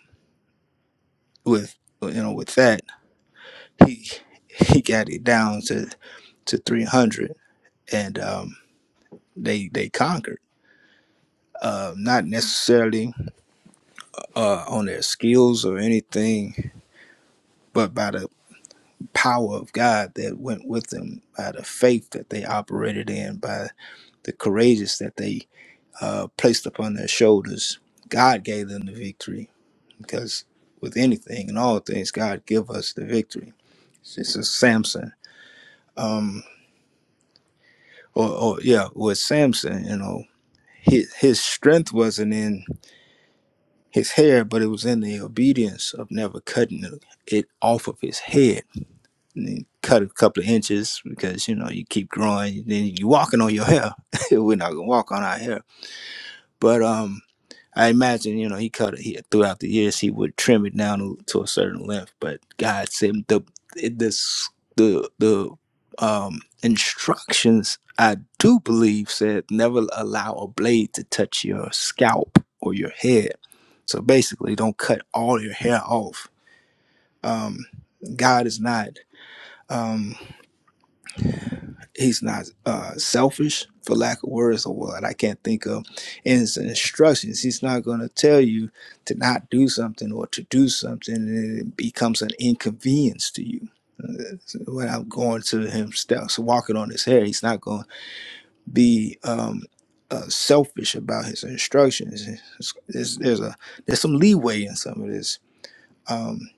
[SPEAKER 4] with you know with that, he he got it down to to 300, and um, they they conquered. Uh, not necessarily uh, on their skills or anything, but by the power of God that went with them, by the faith that they operated in, by the courageous that they uh, placed upon their shoulders. God gave them the victory because with anything and all things, God give us the victory. It's just Samson. Um, or, or yeah, with Samson, you know, his, his strength wasn't in his hair, but it was in the obedience of never cutting it off of his head. And then cut a couple of inches because you know you keep growing, then you walking on your hair. *laughs* We're not gonna walk on our hair But um, I imagine you know he cut it he, throughout the years. He would trim it down to, to a certain length. But God said the it- this the the um instructions I do believe said never allow a blade to touch your scalp or your head. So basically, don't cut all your hair off. Um, God is not. um, he's not uh, selfish for lack of words or what i can't think of in his instructions he's not going to tell you to not do something or to do something and it becomes an inconvenience to you Uh, so when i'm going to him steps walking on his hair he's not going to be um, uh, selfish about his instructions It's- it's- there's a there's some leeway in some of this um,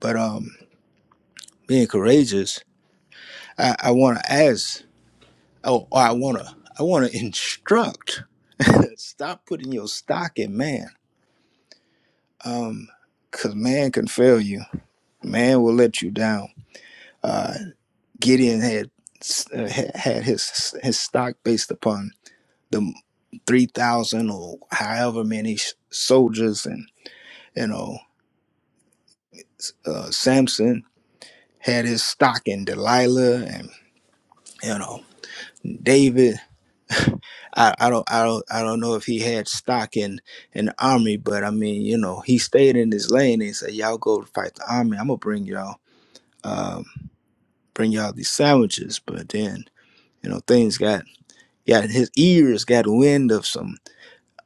[SPEAKER 4] but um, being courageous i, I want to ask Oh, or I wanna I wanna instruct. *laughs* Stop putting your stock in man. Um, cause man can fail you. Man will let you down. Uh, Gideon had uh, had his his stock based upon the three thousand or however many s- soldiers, and you know, uh, Samson had his stock in Delilah, and you know, David. I, I don't I don't I don't know if he had stock in in the army, but I mean, you know, he stayed in his lane and said, Y'all go fight the army, I'm gonna bring y'all um bring y'all these sandwiches. But then, you know, things got yeah, his ears got wind of some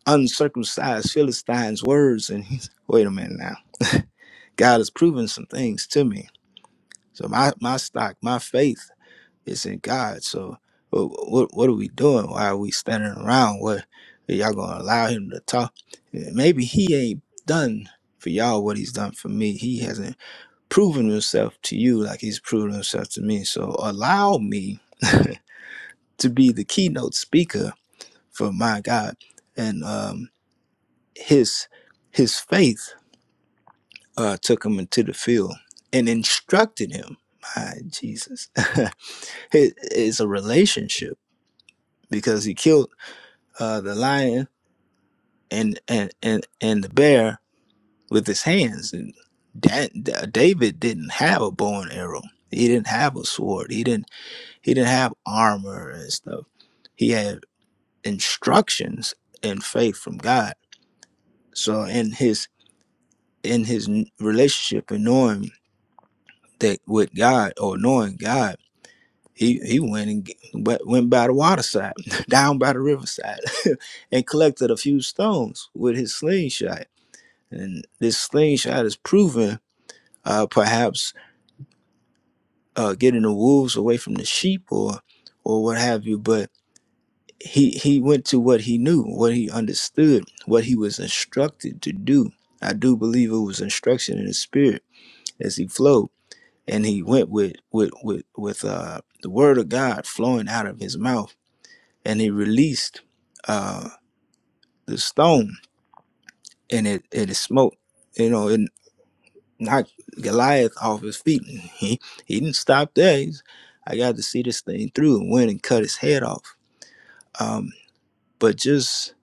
[SPEAKER 4] uncircumcised Philistines words and he's wait a minute now. *laughs* God has proven some things to me. So my my stock, my faith It's in God. So what what, what are we doing? Why are we standing around? What are y'all gonna allow him to talk? Maybe he ain't done for y'all what he's done for me. He hasn't proven himself to you like he's proven himself to me. So allow me to be the keynote speaker for my God. And um his his faith uh took him into the field and instructed him. My Jesus. *laughs* it, it's a relationship because he killed uh, the lion and, and and and the bear with his hands. And that, that David didn't have a bow and arrow. He didn't have a sword. He didn't he didn't have armor and stuff. He had instructions and faith from God. So in his in his n- relationship and knowing that with God or knowing God, he he went and g- went went by the waterside, *laughs* down by the riverside, *laughs* and collected a few stones with his slingshot And this slave shot is proven, uh, perhaps uh, getting the wolves away from the sheep or or what have you. But he he went to what he knew, what he understood, what he was instructed to do. I do believe it was instruction in the spirit as he flowed, and he went with with with with uh, the word of God flowing out of his mouth, and he released uh, the stone, and it it smoked. You know, it, knocked Goliath off his feet. *laughs* And he he didn't stop there. He's, I got to see this thing through and went and cut his head off. Um, but just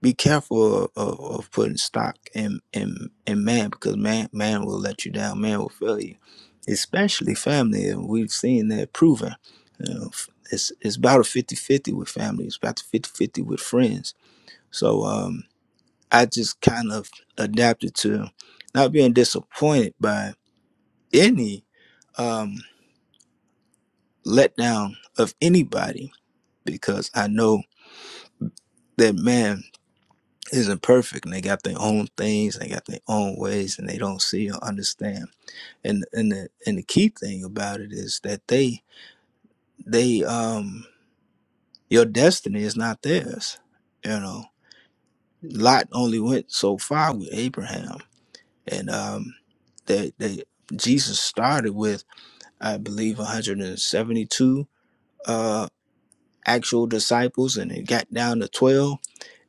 [SPEAKER 4] be careful of, of, of putting stock in, in in man because man man will let you down. Man will fail you, especially family. And we've seen that proven. You know, f- it's it's about a fifty-fifty with family. It's about a fifty-fifty with friends. So um, I just kind of adapted to not being disappointed by any um, letdown of anybody because I know that man isn't perfect and they got their own things, they got their own ways, and they don't see or understand. And and the and the key thing about it is that they they um your destiny is not theirs. You know, Lot only went so far with Abraham, and um, they they Jesus started with I believe 172. actual disciples and it got down to 12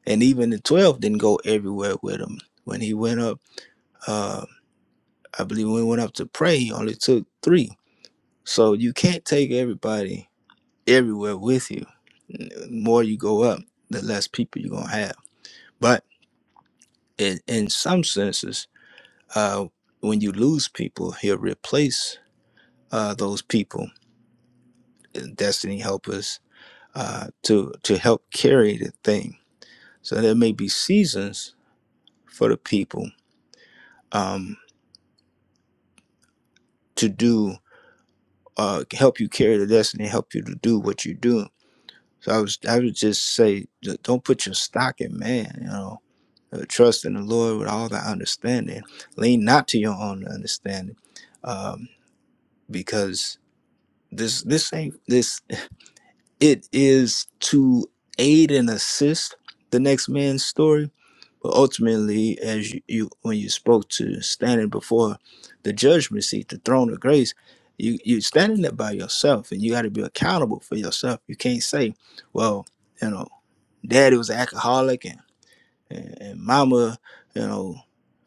[SPEAKER 4] and even the 12 didn't go everywhere with him when he went up uh i believe when he went up to pray he only took three so you can't take everybody everywhere with you The more you go up the less people you're gonna have but in, in some senses uh when you lose people he'll replace uh those people uh, destiny helpers uh to to help carry the thing so there may be seasons for the people um, to do uh, help you carry the destiny, help you to do what you do. So I was I would just say don't put your stock in man, you know. Uh, trust in the Lord with all thy understanding. Lean not to your own understanding, um, because this this ain't this. It is to aid and assist the next man's story, But ultimately, as you, you when you spoke to standing before the judgment seat, the throne of grace, you you standing there by yourself, and you got to be accountable for yourself. You can't say, "Well, you know, Daddy was an alcoholic, and and, and Mama, you know,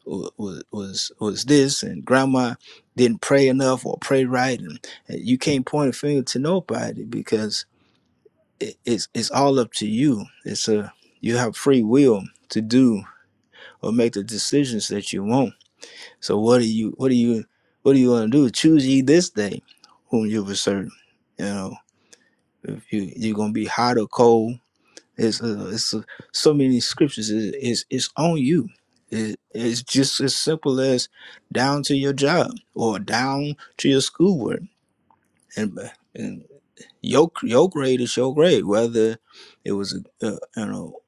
[SPEAKER 4] was was was this, and Grandma didn't pray enough or pray right," and, and you can't point a finger to nobody because it, it's it's all up to you. It's a you have free will to do or make the decisions that you want. So what do you what do you what do you want to do? Choose ye this day whom you will serve. You know, if you you're gonna be hot or cold. It's uh, it's uh, so many scriptures. It, it's it's on you. It, it's just as simple as down to your job or down to your schoolwork and and your your grade is your grade. Whether it was uh, you know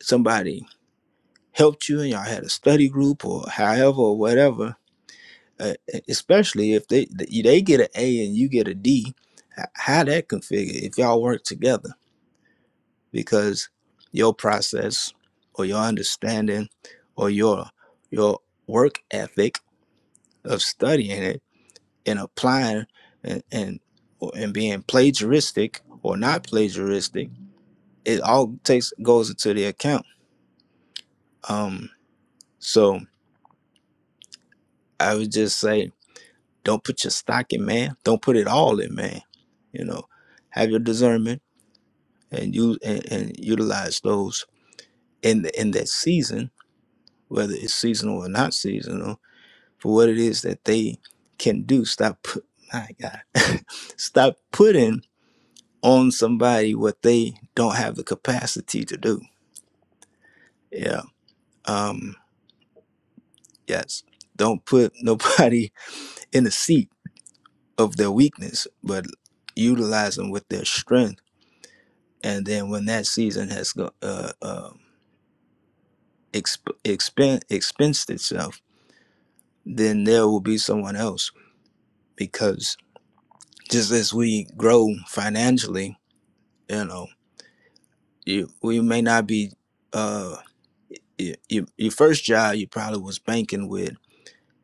[SPEAKER 4] somebody helped you and y'all had a study group or however or whatever uh, e, especially if they they get an A and you get a D, how that configure if y'all work together because your process or your understanding or your your work ethic of studying it and applying and and, and being plagiaristic or not plagiaristic, it all takes goes into the account. Um, so I would just say don't put your stock in man, don't put it all in man. You know, have your discernment and use and, and utilize those in the, in that season, whether it's seasonal or not seasonal, for what it is that they can do. Stop, put, my God, *laughs* stop putting on somebody what they don't have the capacity to do. Yeah. Um. Yes. Don't put nobody *laughs* in the seat of their weakness, but utilize them with their strength. And then when that season has go, uh, uh, exp- expen- expensed itself then there will be someone else because just as we grow financially you know you we may not be uh your, your, your first job you probably was banking with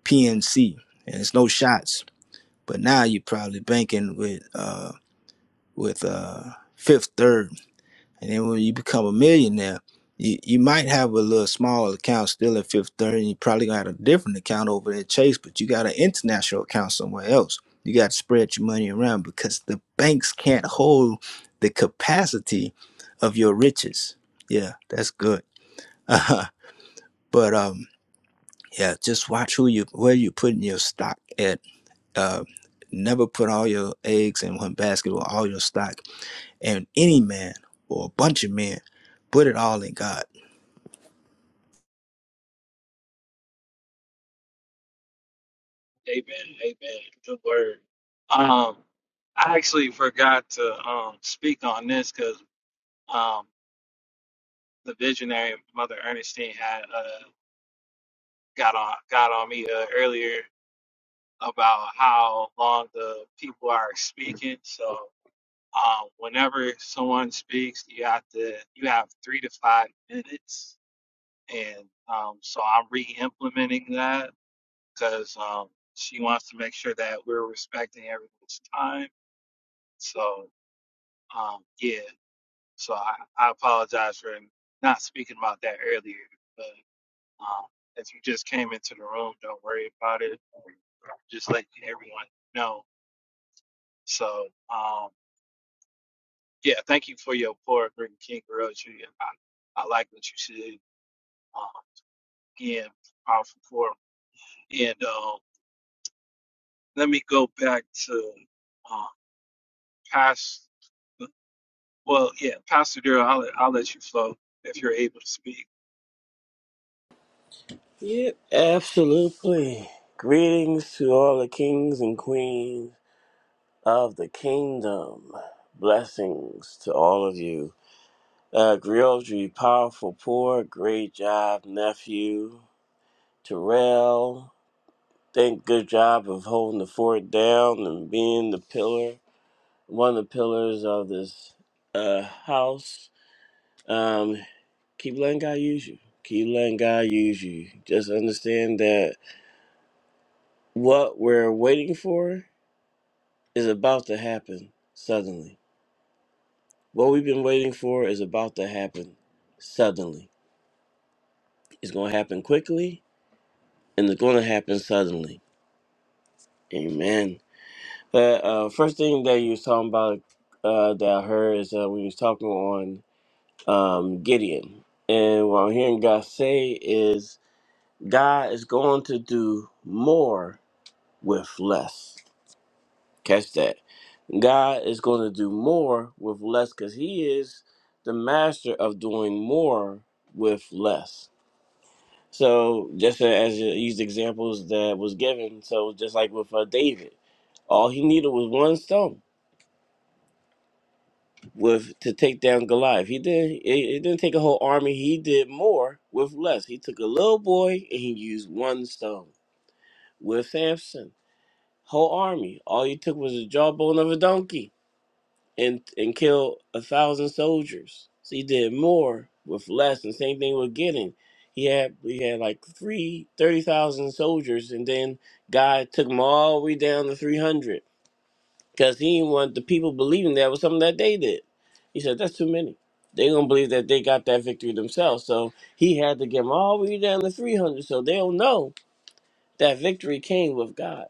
[SPEAKER 4] pnc and it's no shots but now you're probably banking with uh with uh fifth third And then when you become a millionaire, you, you might have a little small account still at Fifth Third, and you probably gonna have a different account over at Chase, but you got an international account somewhere else. You got to spread your money around because the banks can't hold the capacity of your riches. Yeah, that's good. *laughs* Uh, but um, yeah, just watch who you where you putting your stock at. Uh, never put all your eggs in one basket or all your stock. And any man or a bunch of men, put it all in God
[SPEAKER 1] Amen. Amen. Good word. Um, I actually forgot to um speak on this because um the visionary Mother Ernestine had uh got on got on me uh, earlier about how long the people are speaking. So. Um, whenever someone speaks, you have to you have three to five minutes, and um, so I'm re-implementing that because um, she wants to make sure that we're respecting everyone's time. So um, yeah, so I, I apologize for not speaking about that earlier, but um, if you just came into the room, don't worry about it. Just let everyone know. So. Um, Yeah, thank you for your poor Green King Rosary. And I, I like what you said. Uh, again, powerful forum. And uh, let me go back to uh, past. Well, yeah, Pastor Darrell, I'll, let- I'll let you flow if you're able to speak.
[SPEAKER 3] Yep, absolutely. Greetings to all the kings and queens of the kingdom. Blessings to all of you. Uh, Griotry, powerful, poor, great job, nephew. Terrell, think good job of holding the fort down and being the pillar, one of the pillars of this uh, house. Um, keep letting God use you. Keep letting God use you. Just understand that What we're waiting for is about to happen suddenly. What we've been waiting for is about to happen suddenly. It's going to happen quickly and it's going to happen suddenly. Amen. But uh, first thing that you was talking about uh, that I heard is uh, when you was talking on um, Gideon. And what I'm hearing God say is God is going to do more with less. Catch that. God is going to do more with less because He is the master of doing more with less. So, just as these examples that was given, so just like with uh, David, all he needed was one stone with to take down Goliath. He did. It, it didn't take a whole army. He did more with less. He took a little boy and he used one stone. With Samson, whole army. All he took was a jawbone of a donkey and and kill a thousand soldiers. So he did more with less. And same thing with Gideon. He had he had like three thirty thousand soldiers, and then God took them all the way down to three hundred because he didn't want the people believing that was something that they did. He said that's too many. They don't believe that they got that victory themselves. So he had to get them all the way down to three hundred, so they don't know that victory came with God.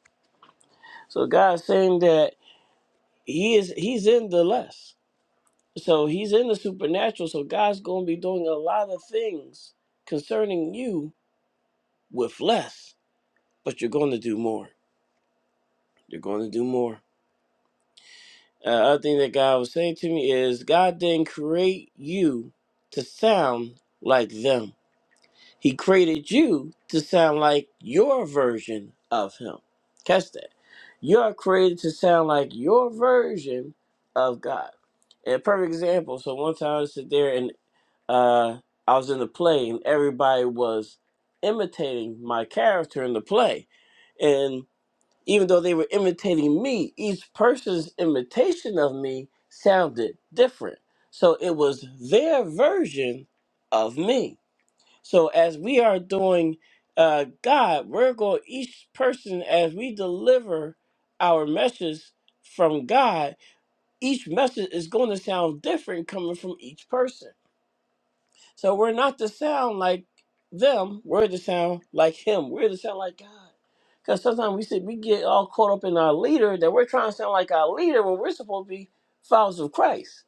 [SPEAKER 3] So God's saying that he is he's in the less. So he's in the supernatural. So God's going to be doing a lot of things concerning you with less, but you're going to do more. You're going to do more. Uh, other thing that God was saying to me is God didn't create you to sound like them. He created you to sound like your version of Him. Catch that. You are created to sound like your version of God. And a perfect example. So one time I was sit there and. uh, I was in the play and everybody was imitating my character in the play. And even though they were imitating me, each person's imitation of me sounded different. So it was their version of me. So as we are doing uh, God, we're going, each person, as we deliver our message from God, each message is going to sound different coming from each person. So we're not to sound like them. We're to sound like Him. We're to sound like God. Because sometimes we sit, we get all caught up in our leader that we're trying to sound like our leader when we're supposed to be followers of Christ,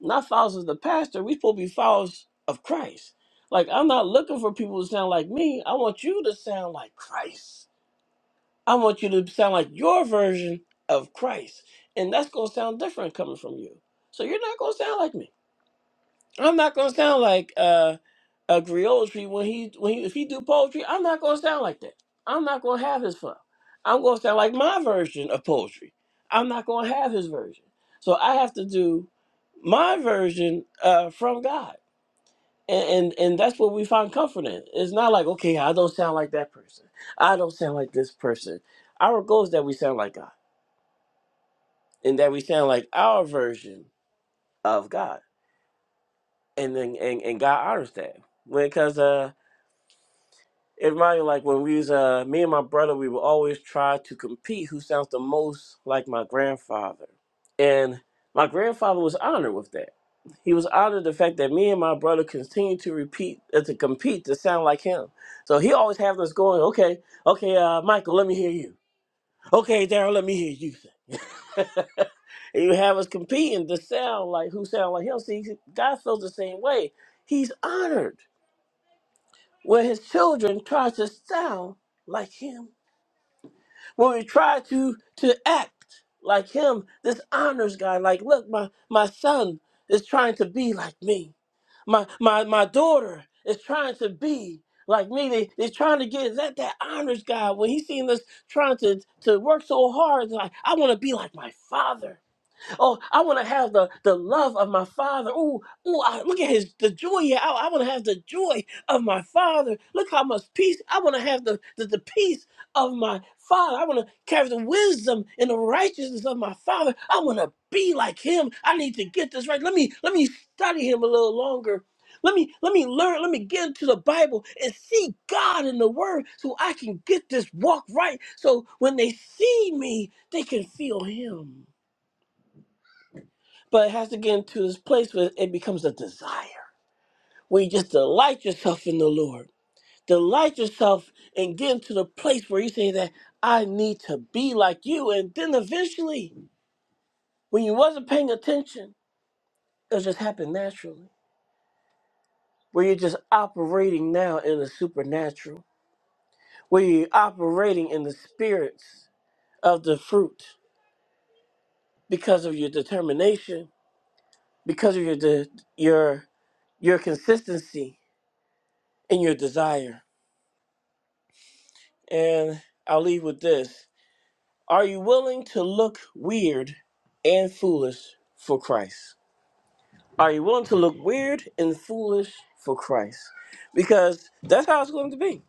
[SPEAKER 3] not followers of the pastor. We're supposed to be followers of Christ. Like I'm not looking for people to sound like me. I want you to sound like Christ. I want you to sound like your version of Christ, and that's gonna sound different coming from you. So you're not gonna sound like me. I'm not gonna sound like uh a Griotry when he when he if he do poetry, I'm not gonna sound like that. I'm not gonna have his flow. I'm gonna sound like my version of poetry. I'm not gonna have his version. So I have to do my version uh from God. And, and and that's what we find comfort in. It's not like, okay, I don't sound like that person. I don't sound like this person. Our goal is that we sound like God and that we sound like our version of God. And then and, and God honors that. Because It reminded me like when we was uh me and my brother, we would always try to compete who sounds the most like my grandfather. And my grandfather was honored with that. He was honored the fact that me and my brother continued to repeat uh, to compete to sound like him. So he always had us going, okay, okay, uh, Michael, let me hear you. Okay, Daryl, let me hear you sing. *laughs* and you have us competing to sound like who sound like him. See, God feels the same way. He's honored where his children try to sound like him. When we try to to act like him, this honors God. Like, look, my my son is trying to be like me. My my my daughter is trying to be like me. They they're trying to get that that honors God. When he's seeing us trying to to work so hard, like I want to be like my father. Oh, I want to have the, the love of my father. Oh, oh, I, look at his the joy. Yeah, I, I want to have the joy of my father. Look how much peace I want to have the, the the peace of my father. I want to carry the wisdom and the righteousness of my father. I want to be like him. I need to get this right. Let me let me study him a little longer. Let me let me learn. Let me get into the Bible and see God in the Word, so I can get this walk right. So when they see me, they can feel Him. But it has to get into this place where it becomes a desire, where you just delight yourself in the Lord. Delight yourself and get into the place where you say that I need to be like you. And then eventually, when you wasn't paying attention, it'll just happen naturally. Where you're just operating now in the supernatural, where you're operating in the spirits of the fruit because of your determination, because of your de- your your consistency and your desire. And I'll leave with this. Are you willing to look weird and foolish for Christ? Are you willing to look weird and foolish for Christ? Because that's how it's going to be.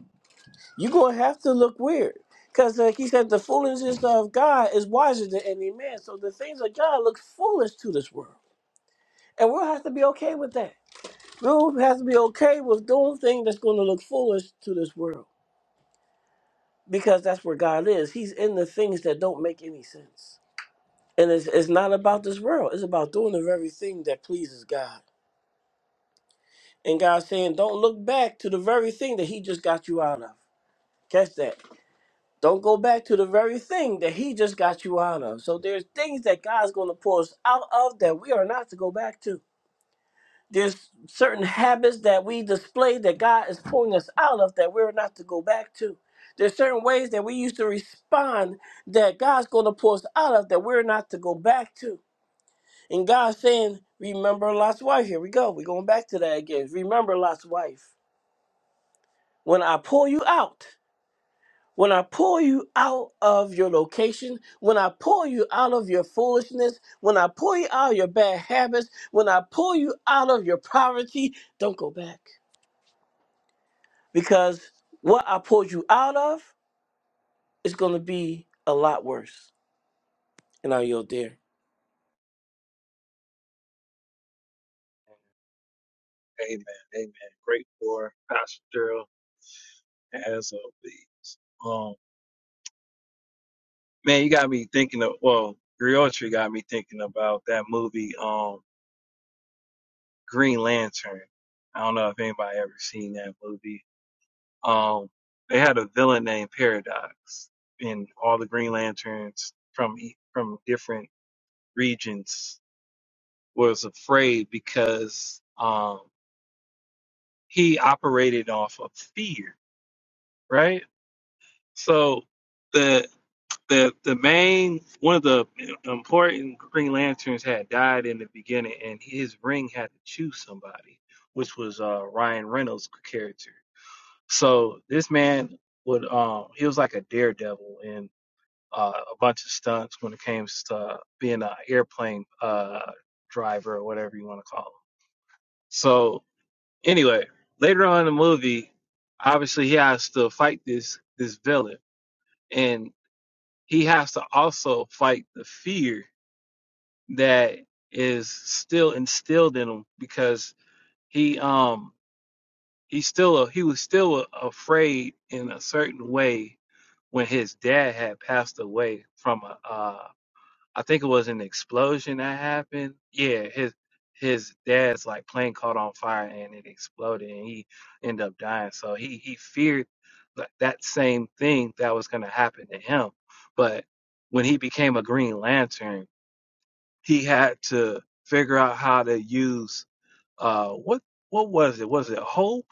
[SPEAKER 3] You're going to have to look weird. Because, like he said, the foolishness of God is wiser than any man. So the things of God look foolish to this world. And we'll have to be okay with that. We'll have to be okay with doing things that's going to look foolish to this world. Because that's where God is. He's in the things that don't make any sense. And it's, it's not about this world. It's about doing the very thing that pleases God. And God's saying, don't look back to the very thing that He just got you out of. Catch that. Don't go back to the very thing that He just got you out of. So there's things that God's going to pull us out of that we are not to go back to. There's certain habits that we display that God is pulling us out of that we're not to go back to. There's certain ways that we used to respond that God's going to pull us out of that we're not to go back to And God's saying, Remember Lot's wife. Here we go. We're going back to that again. Remember Lot's wife. When I pull you out, when I pull you out of your location, when I pull you out of your foolishness, when I pull you out of your bad habits, when I pull you out of your poverty, don't go back. Because what I pulled you out of is going to be a lot worse. And I yield there.
[SPEAKER 1] Amen. Amen. Great for Pastor Darrell as always. Um, man, you got me thinking of well, Griotry got me thinking about that movie, um, Green Lantern. I don't know if anybody ever seen that movie Um, they had a villain named Paradox, and all the Green Lanterns from e- from different regions was afraid because um, he operated off of fear, right? So the the the main one of the important Green Lanterns had died in the beginning, and his ring had to choose somebody, which was uh, Ryan Reynolds' character. So this man would um he was like a daredevil in uh, a bunch of stunts when it came to uh, being an airplane uh, driver or whatever you want to call him. So anyway, later on in the movie, obviously he has to fight this this villain, and he has to also fight the fear that is still instilled in him because he um he still a, he was still afraid in a certain way when his dad had passed away from a uh, I think it was an explosion that happened. Yeah, his his dad's like plane caught on fire and it exploded and he ended up dying. So he he feared that that same thing that was going to happen to him. But when he became a Green Lantern, he had to figure out how to use uh what what was it? Was it hope?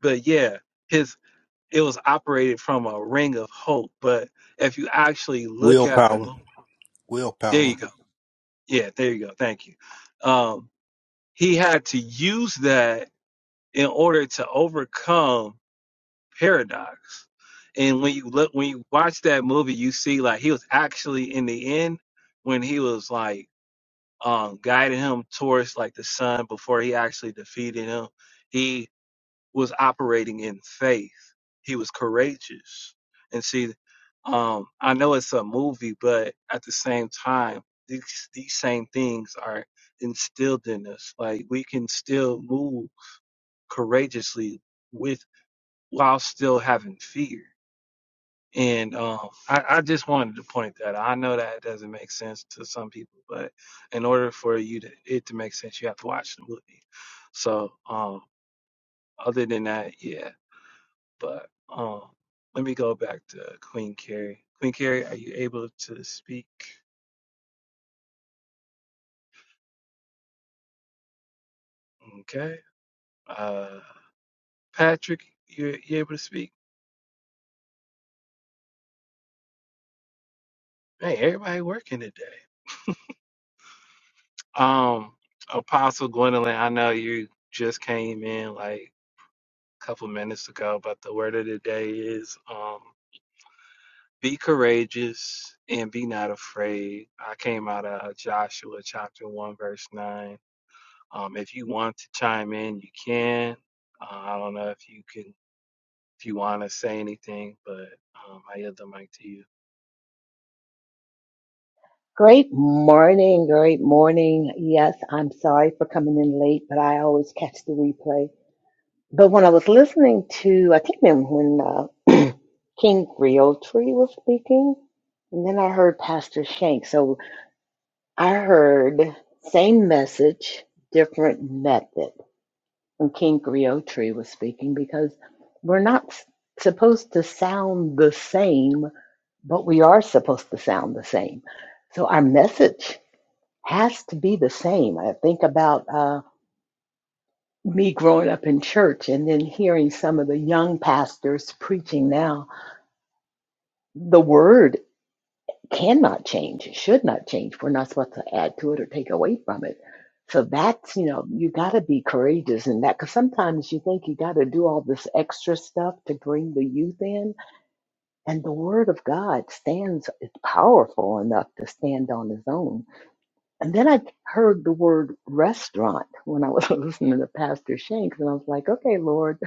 [SPEAKER 1] But yeah, his it was operated from a ring of hope. But if you actually look at the
[SPEAKER 4] Willpower.
[SPEAKER 1] movie, there
[SPEAKER 4] Willpower.
[SPEAKER 1] you go Yeah, there you go. Thank you. Um, he had to use that in order to overcome paradox. And when you look, when you watch that movie, you see like he was actually in the end when he was like um, guiding him towards like the sun before he actually defeated him was operating in faith. He was courageous. And see, um, I know it's a movie, but at the same time, these these same things are instilled in us. Like we can still move courageously with while still having fear. And um, I, I just wanted to point that. out. I know that doesn't make sense to some people, but in order for you to it to make sense, you have to watch the movie. So um, other than that, yeah, But um, let me go back to Queen Carrie. Queen Carrie, are you able to speak? Okay. Uh, Patrick, you you able to speak? Hey, everybody working today. Um, Apostle Gwendolyn, I know you just came in like a couple minutes ago, but the word of the day is um, be courageous and be not afraid. I came out of Joshua chapter one, verse nine Um, if you want to chime in, you can. Uh, I don't know if you can, if you want to say anything, but um, I yield the mic to you.
[SPEAKER 5] Great morning, great morning. Yes, I'm sorry for coming in late, but I always catch the replay. But when I was listening to, I think when when, uh, *clears throat* King Realtree was speaking, and then I heard Pastor Shank. So I heard same message, different method when King Realtree was speaking because we're not s- supposed to sound the same, but we are supposed to sound the same. So our message has to be the same. I think about uh, me growing up in church and then hearing some of the young pastors preaching now. The word cannot change, it should not change. We're not supposed to add to it or take away from it. So that's, you know, you got to be courageous in that because sometimes you think you got to do all this extra stuff to bring the youth in. And the word of God stands, is powerful enough to stand on its own And then I heard the word restaurant when I was *laughs* listening to Pastor Shanks, and I was like, okay, Lord,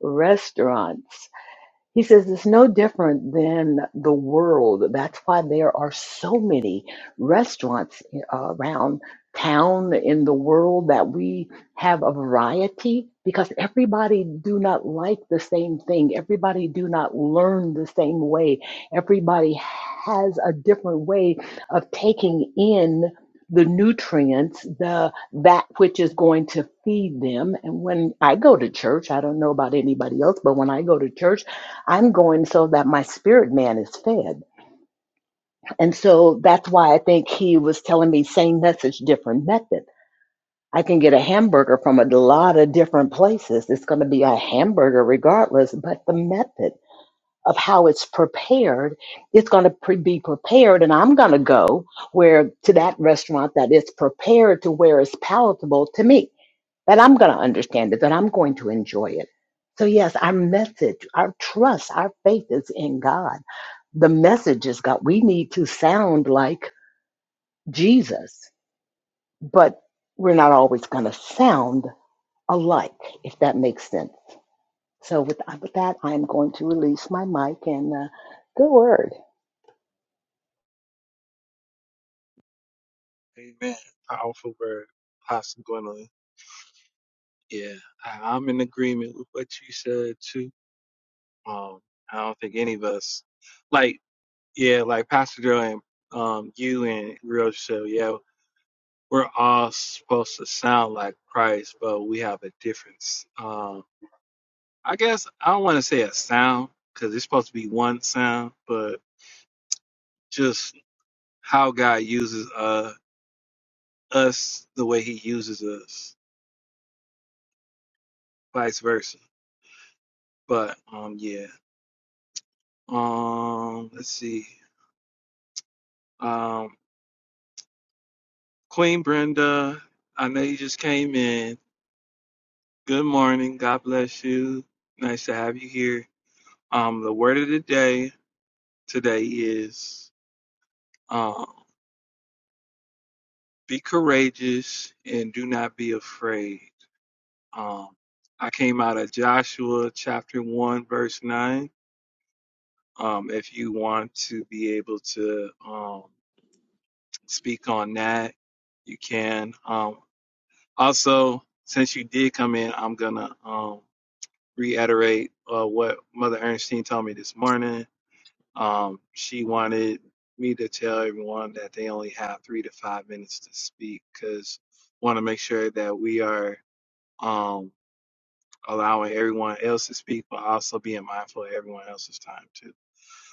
[SPEAKER 5] restaurants. He says it's no different than the world. That's why there are so many restaurants uh, around town in the world that we have a variety because everybody do not like the same thing. Everybody do not learn the same way. Everybody has a different way of taking in the nutrients, the that which is going to feed them. And when I go to church, I don't know about anybody else, but when I go to church, I'm going so that my spirit man is fed. And so that's why I think he was telling me same message, different method. I can get a hamburger from a lot of different places. It's going to be a hamburger regardless, but the method of how it's prepared, it's going to pre- be prepared. And I'm going to go where to that restaurant that it's prepared to where it's palatable to me that I'm going to understand it, that I'm going to enjoy it. So, yes, our message, our trust, our faith is in God. The message is God. We need to sound like Jesus, but we're not always going to sound alike, if that makes sense. So, with, with that, I'm going to release my mic and uh, good word.
[SPEAKER 1] Amen. Powerful word, Apostle Gwendolyn. Yeah, I, I'm in agreement with what you said too. Um, I don't think any of us, like, yeah, like Pastor Joe and um, you and Real Show, yeah, we're all supposed to sound like Christ, but we have a difference. Um, I guess I don't want to say a sound because it's supposed to be one sound, but just how God uses uh us the way He uses us, vice versa. But um, yeah. Um, let's see. Um, Queen Brenda, I know you just came in. Good morning. God bless you. Nice to have you here. Um, the word of the day today is um, be courageous and do not be afraid Um, I came out of Joshua chapter 1, verse 9. Um, if you want to be able to um, speak on that, you can. Um, also, since you did come in, I'm going to um, reiterate uh, what Mother Ernestine told me this morning. Um, she wanted me to tell everyone that they only have three to five minutes to speak because want to make sure that we are. Um, allowing everyone else to speak, but also being mindful of everyone else's time too.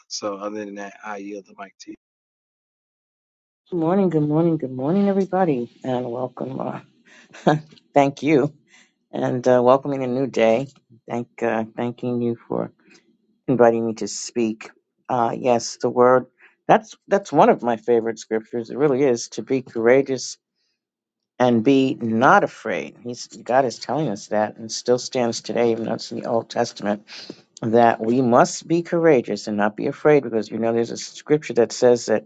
[SPEAKER 1] So, other than that, I yield the mic to you.
[SPEAKER 6] Good morning, good morning, good morning, everybody, and welcome. Uh, *laughs* thank you, and uh, welcoming a new day. Thank, uh, thanking you for inviting me to speak. Uh, yes, the word. That's that's one of my favorite scriptures. It really is to be courageous and be not afraid. He's God is telling us that, and still stands today, even though it's in the Old Testament, that we must be courageous and not be afraid, because you know there's a scripture that says that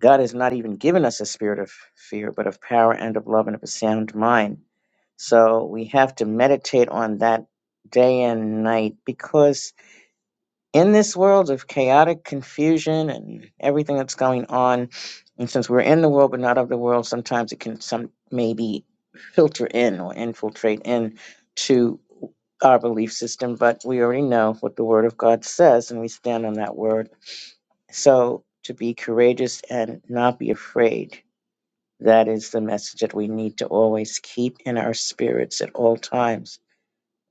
[SPEAKER 6] God has not even given us a spirit of fear, but of power and of love and of a sound mind. So we have to meditate on that day and night because in this world of chaotic confusion and everything that's going on, and since we're in the world but not of the world, sometimes it can some maybe filter in or infiltrate in to our belief system, but we already know what the word of God says and we stand on that word. So to be courageous and not be afraid that is the message that we need to always keep in our spirits at all times,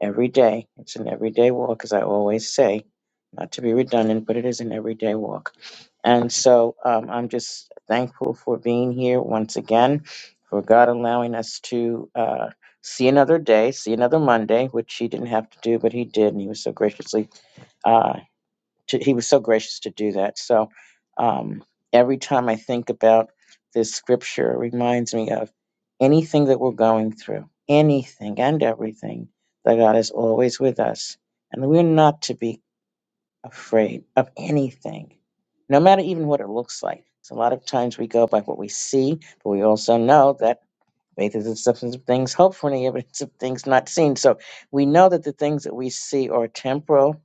[SPEAKER 6] every day. It's an everyday walk, as I always say, not to be redundant, but it is an everyday walk. And so um, I'm just thankful for being here once again, for God allowing us to uh, see another day, see another Monday, which He didn't have to do, but He did. And He was so graciously. uh, to, he was so gracious to do that. So um, every time I think about this scripture, it reminds me of anything that we're going through, anything and everything, that God is always with us. And we're not to be afraid of anything, no matter even what it looks like. So a lot of times we go by what we see, but we also know that faith is the substance of things hoped for and the evidence of things not seen. So we know that the things that we see are temporal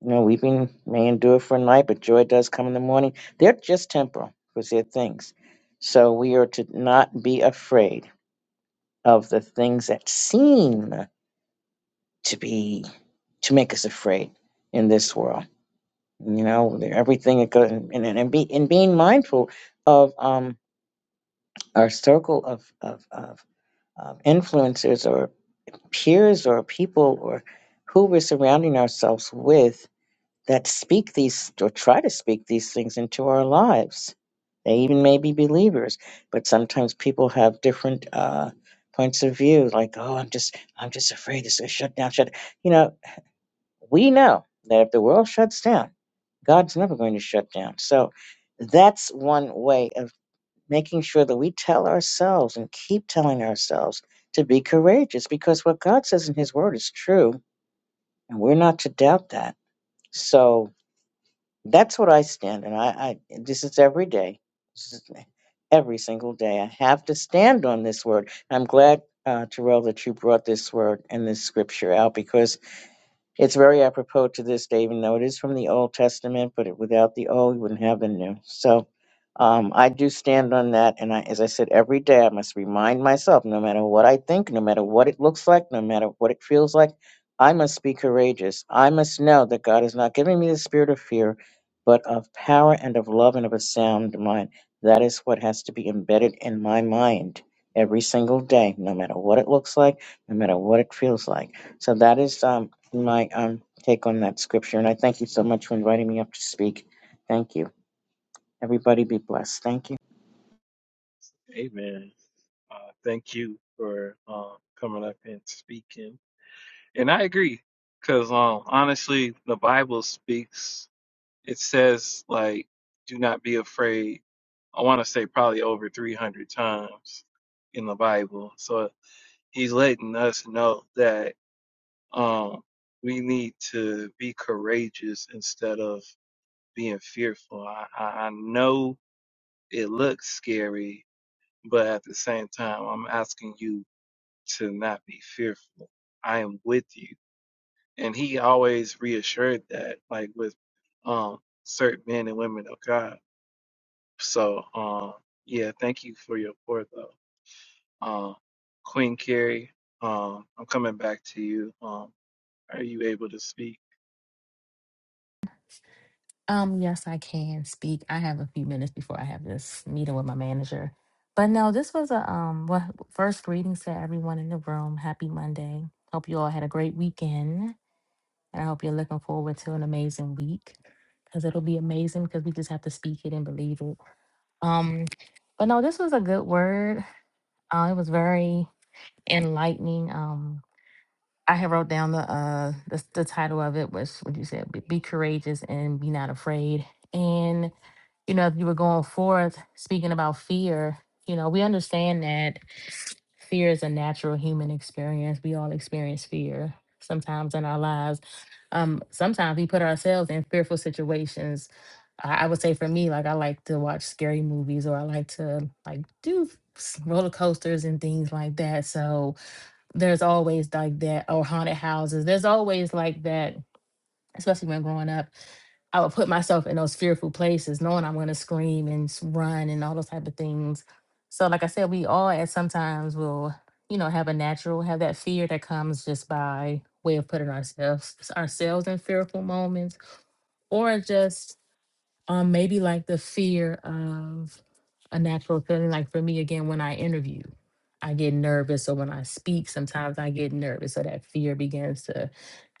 [SPEAKER 6] you know, weeping may endure for a night, but joy does come in the morning. They're just temporal because they're things. So we are to not be afraid of the things that seem to be to make us afraid in this world. You know, the- everything that goes and, and, and be and being mindful of um our circle of of, of of influencers or peers or people or who we're surrounding ourselves with that speak these or try to speak these things into our lives. They even may be believers, but sometimes people have different uh, points of view. Like, oh, I'm just, I'm just afraid this is going to shut down. Shut. You know, we know that if the world shuts down, God's never going to shut down. So that's one way of making sure that we tell ourselves and keep telling ourselves to be courageous, because what God says in His Word is true, and we're not to doubt that. So that's what I stand and I, I this is every day. This is every single day. I have to stand on this word. I'm glad, uh, Terrell, that you brought this word and this scripture out because it's very apropos to this, David. Though it is from the Old Testament, but without the Old, we wouldn't have the New. So um, I do stand on that. And I, as I said, every day I must remind myself no matter what I think, no matter what it looks like, no matter what it feels like, I must be courageous. I must know that God has not given me the spirit of fear, but of power and of love and of a sound mind. That is what has to be embedded in my mind every single day, no matter what it looks like, no matter what it feels like. So that is. Um, my um, take on that scripture. And I thank you so much for inviting me up to speak. Thank you. Everybody be blessed. Thank you.
[SPEAKER 1] Amen. Uh, thank you for um, coming up and speaking. And I agree, because um, honestly, the Bible speaks. It says like, "Do not be afraid." I want to say probably over 300 times in the Bible. So he's letting us know that um, we need to be courageous instead of being fearful. I, I, I know it looks scary, but at the same time, I'm asking you to not be fearful. I am with you. And he always reassured that, like with um, certain men and women of God. So, um, yeah, thank you for your pour, though. Um, Queen Carrie, um, I'm coming back to you. Um, are you able to speak?
[SPEAKER 7] Um, yes, I can speak. I have a few minutes before I have this meeting with my manager. But no, this was a um well, first greetings to everyone in the room. Happy Monday. Hope you all had a great weekend. And I hope you're looking forward to an amazing week. Cause it'll be amazing because we just have to speak it and believe it. Um, but no, this was a good word. Uh, it was very enlightening. Um, I had wrote down the uh the, the title of it was what you said, be be courageous and be not afraid. And you know, if you were going forth speaking about fear, you know, we understand that fear is a natural human experience. We all experience fear sometimes in our lives. Um, sometimes we put ourselves in fearful situations. I, I would say for me, like I like to watch scary movies or I like to like do s- roller coasters and things like that. So there's always like that or haunted houses. There's always like that especially when growing up, I would put myself in those fearful places, knowing I'm going to scream and s- run and all those type of things. So, like I said, we all at sometimes will, you know, have a natural, have that fear that comes just by way of putting ourselves ourselves in fearful moments, or just um, maybe like the fear of a natural feeling. Like for me, again, when I interview, I get nervous, or when I speak, sometimes I get nervous, so that fear begins to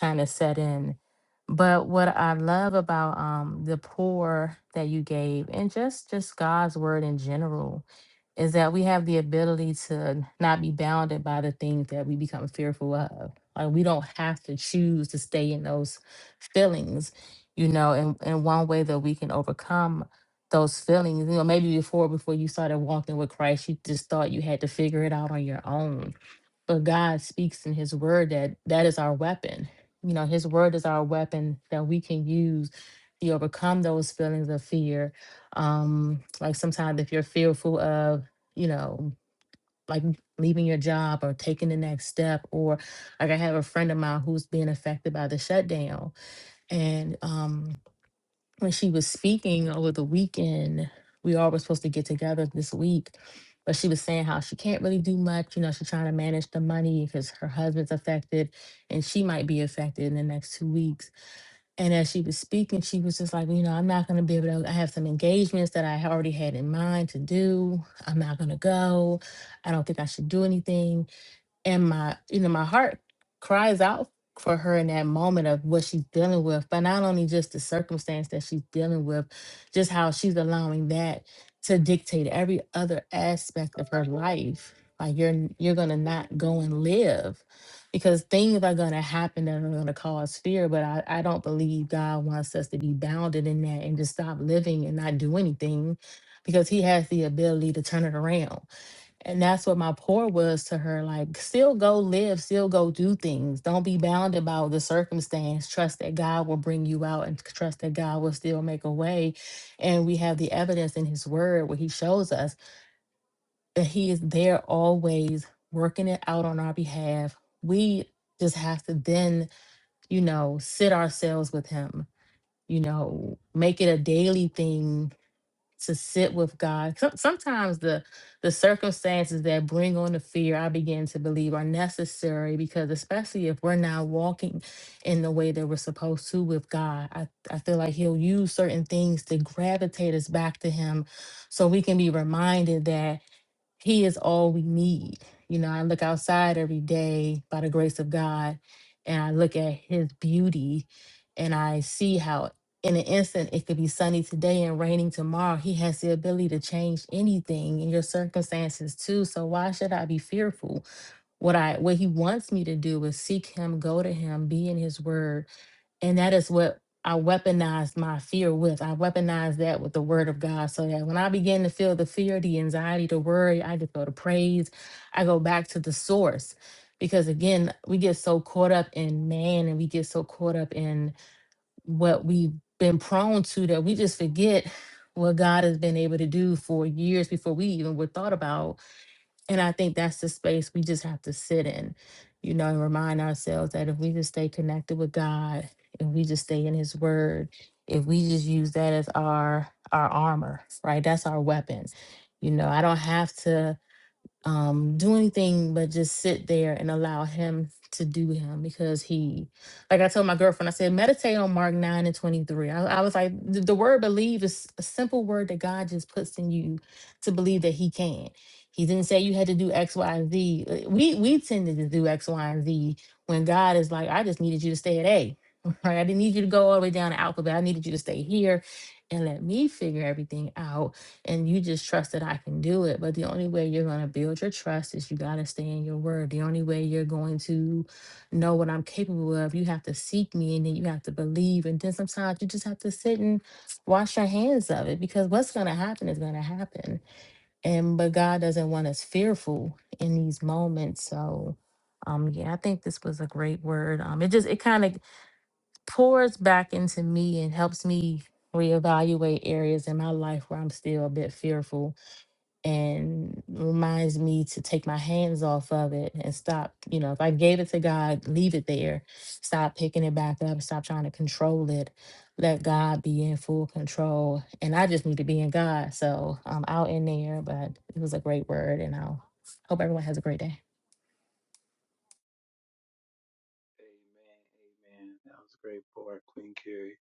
[SPEAKER 7] kind of set in. But what I love about um the pour that you gave, and just just God's word in general, is that we have the ability to not be bounded by the things that we become fearful of. Like we don't have to choose to stay in those feelings, you know, and, and one way that we can overcome those feelings, you know, maybe before before you started walking with Christ, you just thought you had to figure it out on your own but God speaks in his word that that is our weapon. You know, his word is our weapon that we can use to overcome those feelings of fear. Um, like sometimes if you're fearful of, you know, like leaving your job or taking the next step, or like I have a friend of mine who's being affected by the shutdown. And um when she was speaking over the weekend, we all were supposed to get together this week, but she was saying how she can't really do much. You know, she's trying to manage the money because her husband's affected and she might be affected in the next two weeks. And as she was speaking, she was just like, you know, I'm not going to be able to, I have some engagements that I already had in mind to do. I'm not going to go. I don't think I should do anything and my you know my heart cries out for her in that moment of what she's dealing with but not only just the circumstance that she's dealing with just how she's allowing that to dictate every other aspect of her life like you're n- you're gonna not go and live because things are gonna happen that are gonna cause fear but I, I don't believe god wants us to be bounded in that and just stop living and not do anything because he has the ability to turn it around and that's what my pour was to her. Like, still go live, still go do things. Don't be bound about the circumstance. Trust that God will bring you out and c- trust that God will still make a way. And we have the evidence in His Word where He shows us that He is there always working it out on our behalf. We just have to then, you know, sit ourselves with Him, you know, make it a daily thing to sit with God. Some- Sometimes the the circumstances that bring on the fear, I begin to believe, are necessary because especially if we're not walking in the way that we're supposed to with God, I, I feel like He'll use certain things to gravitate us back to Him, so we can be reminded that. He is all we need. You know, I look outside every day by the grace of God and I look at his beauty and I see how in an instant it could be sunny today and raining tomorrow. He has the ability to change anything in your circumstances too. So why should I be fearful? What I what he wants me to do is seek him, go to him, be in his word, and that is what I weaponized my fear with. I weaponized that with the word of God so that when I begin to feel the fear, the anxiety, the worry, I just go to praise. I go back to the source. Because again, we get so caught up in man and we get so caught up in what we've been prone to that we just forget what God has been able to do for years before we even were thought about and I think that's the space we just have to sit in, you know, and remind ourselves that if we just stay connected with God, if we just stay in His Word, if we just use that as our our armor, right? That's our weapon. You know, I don't have to um do anything but just sit there and allow him to do him because he like i told my girlfriend i said meditate on mark 9 and 23 i, I was like the, the word believe is a simple word that god just puts in you to believe that he can he didn't say you had to do x y and z Uh, we we tended to do x y and z when god is like i just needed you to stay at a *laughs* right i didn't need you to go all the way down to alphabet i needed you to stay here and let me figure everything out and you just trust that I can do it. But the only way you're going to build your trust is you got to stay in your word. The only way you're going to know what I'm capable of, you have to seek me and then you have to believe. And then sometimes you just have to sit and wash your hands of it because what's going to happen is going to happen. And but God doesn't want us fearful in these moments. So, um, yeah, I think this was a great word. Um, it just it kind of pours back into me and helps me reevaluate areas in my life where I'm still a bit fearful and reminds me to take my hands off of it and stop. You know, if I gave it to God, leave it there. Stop picking it back up. Stop trying to control it. Let God be in full control. And I just need to be in God. So I'm out in there, but it was a great word. And I'll hope everyone has a great day.
[SPEAKER 1] Amen. Amen. That was a great part, Queen Carrie.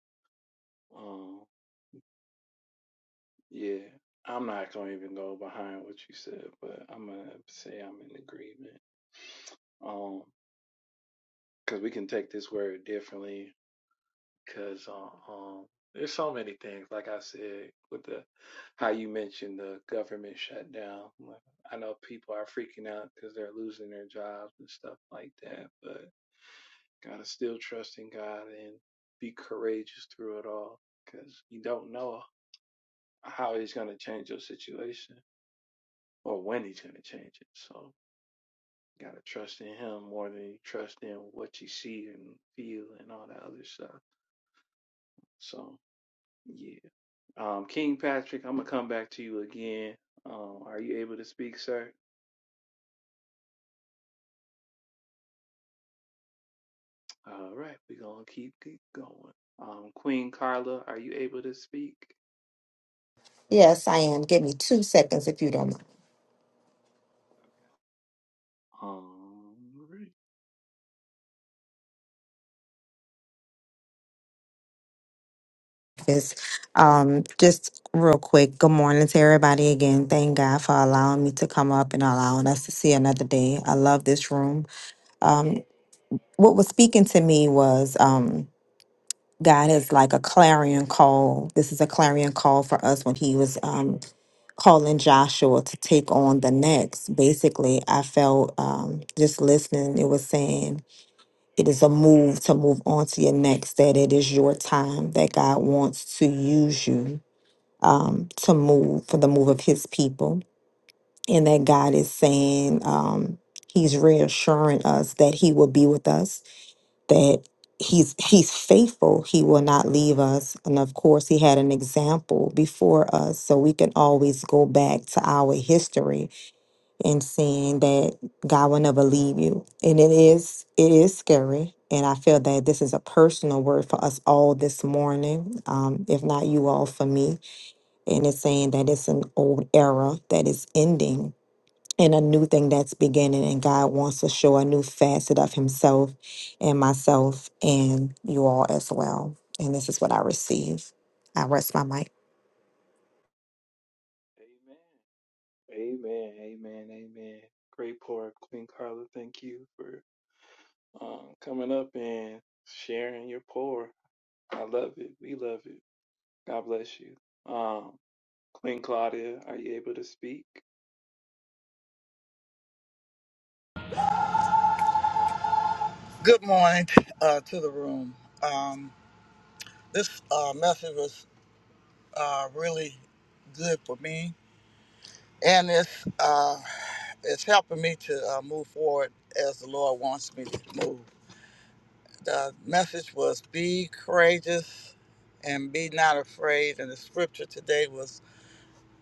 [SPEAKER 1] Yeah, I'm not gonna even go behind what you said, but I'm gonna say I'm in agreement. Um, because we can take this word differently. Because um, um, there's so many things. Like I said, with the how you mentioned the government shutdown. like, I know people are freaking out because they're losing their jobs and stuff like that. But gotta still trust in God and be courageous through it all. Because you don't know how He's gonna change your situation or when He's gonna change it. So. Got to trust in Him more than you trust in what you see and feel and all that other stuff. So, yeah. Um, King Patrick, I'm going to come back to you again. Um, are you able to speak, sir? All right. We're going to keep it going. Um, Queen Carla, are you able to speak?
[SPEAKER 8] Yes, I am. Give me two seconds if you don't mind.
[SPEAKER 1] Okay. Um, right.
[SPEAKER 8] This, um, just real quick. Good morning to everybody again. Thank God for allowing me to come up and allowing us to see another day. I love this room. Um, what was speaking to me was um, God is like a clarion call. This is a clarion call for us when He was um, calling Joshua to take on the next. Basically, I felt um, just listening. It was saying It is a move to move on to your next, that it is your time, that God wants to use you um, to move for the move of his people. And that God is saying, um, He's reassuring us that He will be with us, that He's He's faithful, He will not leave us. And of course, He had an example before us, so we can always go back to our history and seeing that God will never leave you. And it is it is scary. And I feel that this is a personal word for us all this morning, um, if not you all for me. And it's saying that it's an old era that is ending and a new thing that's beginning. And God wants to show a new facet of Himself and myself and you all as well. And this is what I receive. I rest my mic.
[SPEAKER 1] Amen. Amen. Amen. Amen. Great pour, Queen Carla. Thank you for um, coming up and sharing your pour. I love it. We love it. God bless you. Um, Queen Claudia, are you able to speak?
[SPEAKER 9] Good morning uh, to the room. Um, this uh, message was uh, really good for me, and it's uh, it's helping me to uh, move forward as the Lord wants me to move. The message was be courageous and be not afraid, and the scripture today was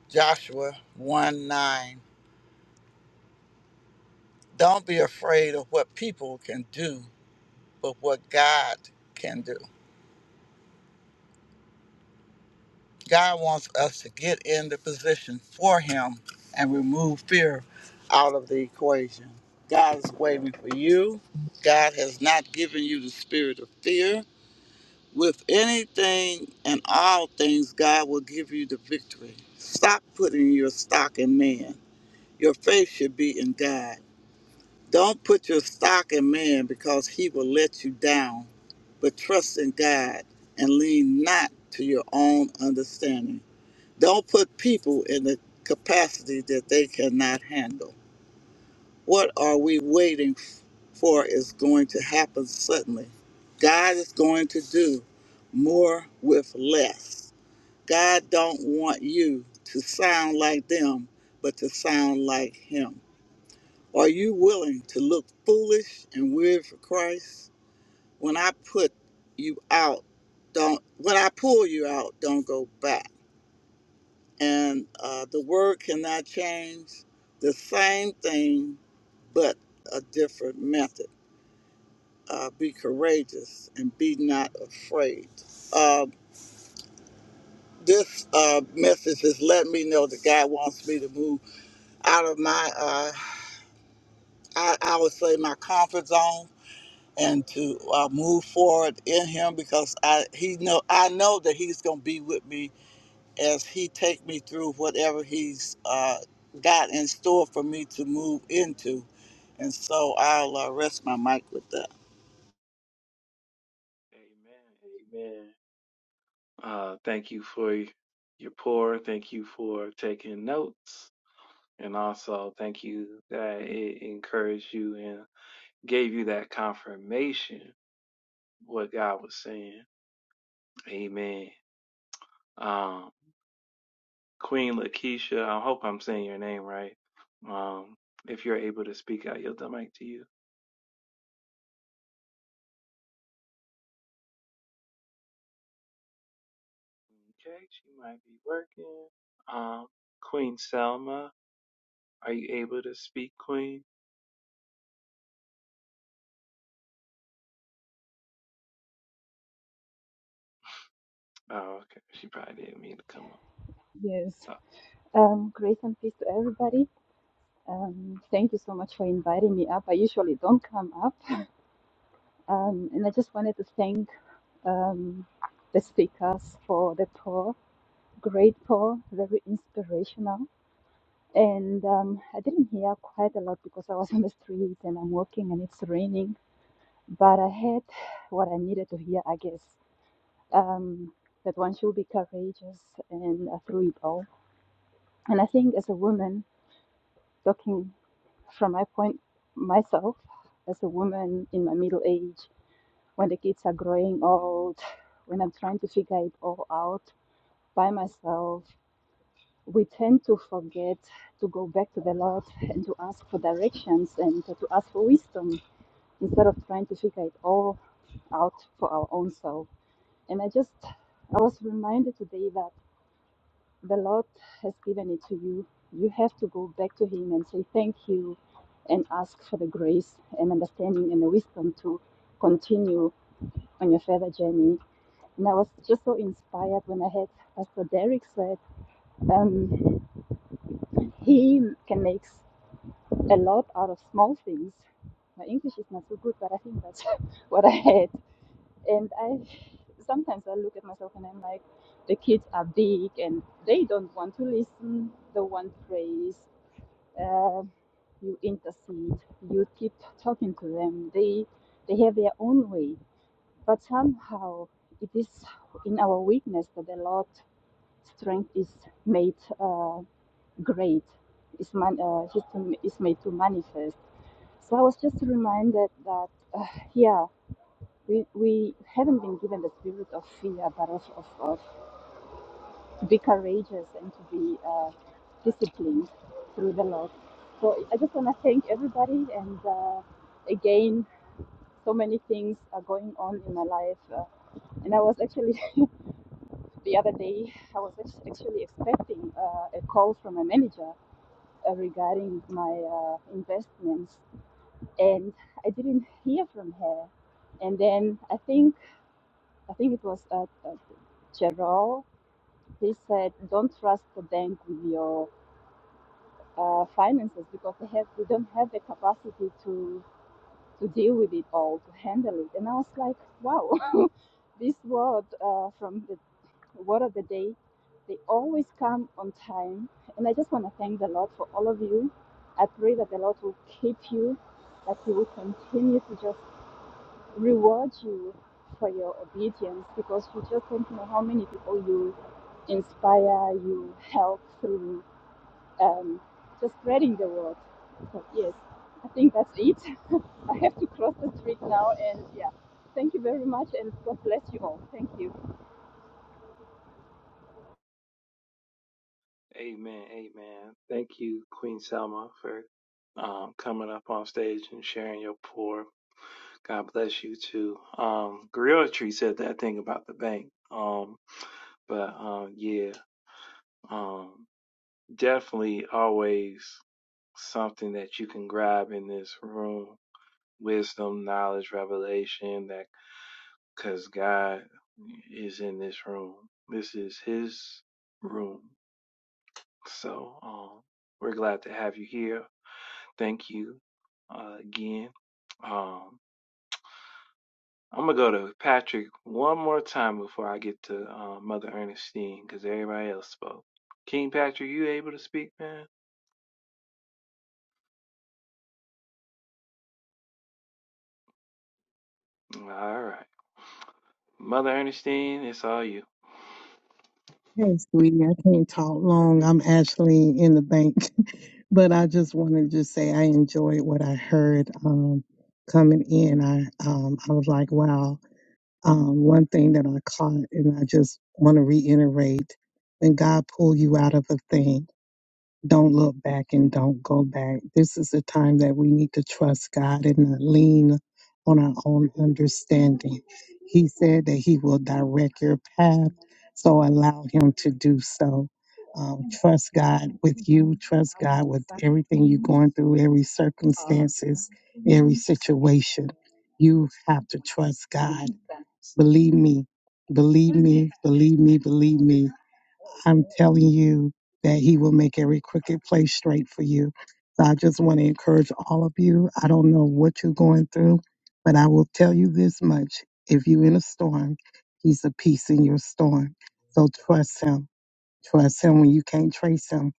[SPEAKER 9] Joshua one nine. Don't be afraid of what people can do, but what God can do. God wants us to get in the position for Him and remove fear out of the equation. God is waiting for you. God has not given you the spirit of fear. With anything and all things, God will give you the victory. Stop putting your stock in man. Your faith should be in God. Don't put your stock in man because he will let you down, but trust in God and lean not to your own understanding. Don't put people in the capacity that they cannot handle. What are we waiting for is going to happen suddenly. God is going to do more with less. God don't want you to sound like them, but to sound like him. Are you willing to look foolish and weird for Christ? When I put you out, don't when I pull you out, don't go back. and uh, the word cannot change. The same thing, but a different method. Uh, be courageous and be not afraid. Uh, this uh, message is letting me know that God wants me to move out of my, uh, I, I would say, my comfort zone, and to uh, move forward in Him because I He know I know that He's going to be with me as he take me through whatever he's uh, got in store for me to move into. And so I'll uh, rest my mic with that.
[SPEAKER 1] Amen. Amen. Uh, thank you for y- your pour. Thank you for taking notes. And also, thank you that it encouraged you and gave you that confirmation what God was saying. Amen. Um, Queen Lakeisha, I hope I'm saying your name right. Um, if you're able to speak out, yield the mic to you. Okay, she might be working. Um, Queen Selma, are you able to speak, Queen? Oh, okay. She probably didn't mean to come up.
[SPEAKER 10] Yes.
[SPEAKER 1] Uh,
[SPEAKER 10] Um, grace and peace to everybody. Um, thank you so much for inviting me up. I usually don't come up. Um, and I just wanted to thank um, the speakers for the poor, great poor, very inspirational. And um, I didn't hear quite a lot because I was *laughs* on the street and I'm walking and it's raining. But I heard what I needed to hear, I guess, um, that one should be courageous and uh, through it all. And I think as a woman, talking from my point myself as a woman in my middle age when the kids are growing old when i'm trying to figure it all out by myself we tend to forget to go back to the lord and to ask for directions and to ask for wisdom instead of trying to figure it all out for our own self and i just i was reminded today that the Lord has given it to you. You have to go back to Him and say thank you and ask for the grace and understanding and the wisdom to continue on your further journey. And I was just so inspired when I heard Pastor Derek said um, he can make a lot out of small things. My English is not so good, but I think that's *laughs* what I had. And I sometimes I look at myself and I'm like, the kids are big and they don't want to listen, they want praise uh, you intercede, you keep talking to them. They they have their own way, but somehow it is in our weakness that the Lord strength is made uh, great, is man uh, is made to manifest. So I was just reminded that uh, yeah, we we haven't been given the spirit of fear, but of of, of be courageous and to be uh, disciplined through the Lord. So I just want to thank everybody. And uh, again, so many things are going on in my life. Uh, and I was actually, *laughs* the other day, I was actually expecting uh, a call from my manager uh, regarding my uh, investments. And I didn't hear from her. And then I think, I think it was uh, uh, Gerald, he said, don't trust the bank with your uh, finances because they have they don't have the capacity to to deal with it all to handle it and i was like wow *laughs* this world uh, from the word of the day they always come on time and i just want to thank the lord for all of you i pray that the lord will keep you that he will continue to just reward you for your obedience because you just don't know how many people you inspire you help through um, just spreading the word. So, yes, I think that's it. *laughs* I have to cross the street now, and yeah, thank you very much, and God bless you all. Thank you.
[SPEAKER 1] amen, amen. Thank you, Queen Selma, for um, coming up on stage and sharing your pour. God bless you too. Um, Griot Tree said that thing about the bank. Um, but um, yeah, um, definitely always something that you can grab in this room wisdom, knowledge, revelation that because God is in this room. This is His room. So um, we're glad to have you here. Thank you uh, again. Um, I'm gonna go to Patrick one more time before I get to uh, Mother Ernestine because everybody else spoke. King Patrick, you able to speak, man? All right, Mother Ernestine, it's all you.
[SPEAKER 11] Hey, sweetie, I can't talk long. I'm actually in the bank, *laughs* but I just wanted to say I enjoyed what I heard um, coming in. I um, I was like, wow. Um, one thing that I caught, and I just want to reiterate: when God pull you out of a thing. Don't look back and don't go back. This is the time that we need to trust God and not lean on our own understanding. He said that He will direct your path, so allow Him to do so. Um, trust God with you. Trust God with everything you're going through, every circumstances, every situation. You have to trust God. Believe me. Believe me. Believe me. Believe me. I'm telling you that He will make every crooked place straight for you. So I just want to encourage all of you. I don't know what you're going through, but I will tell you this much. If you're in a storm, He's a peace in your storm. So trust Him Trust him when you can't trace him.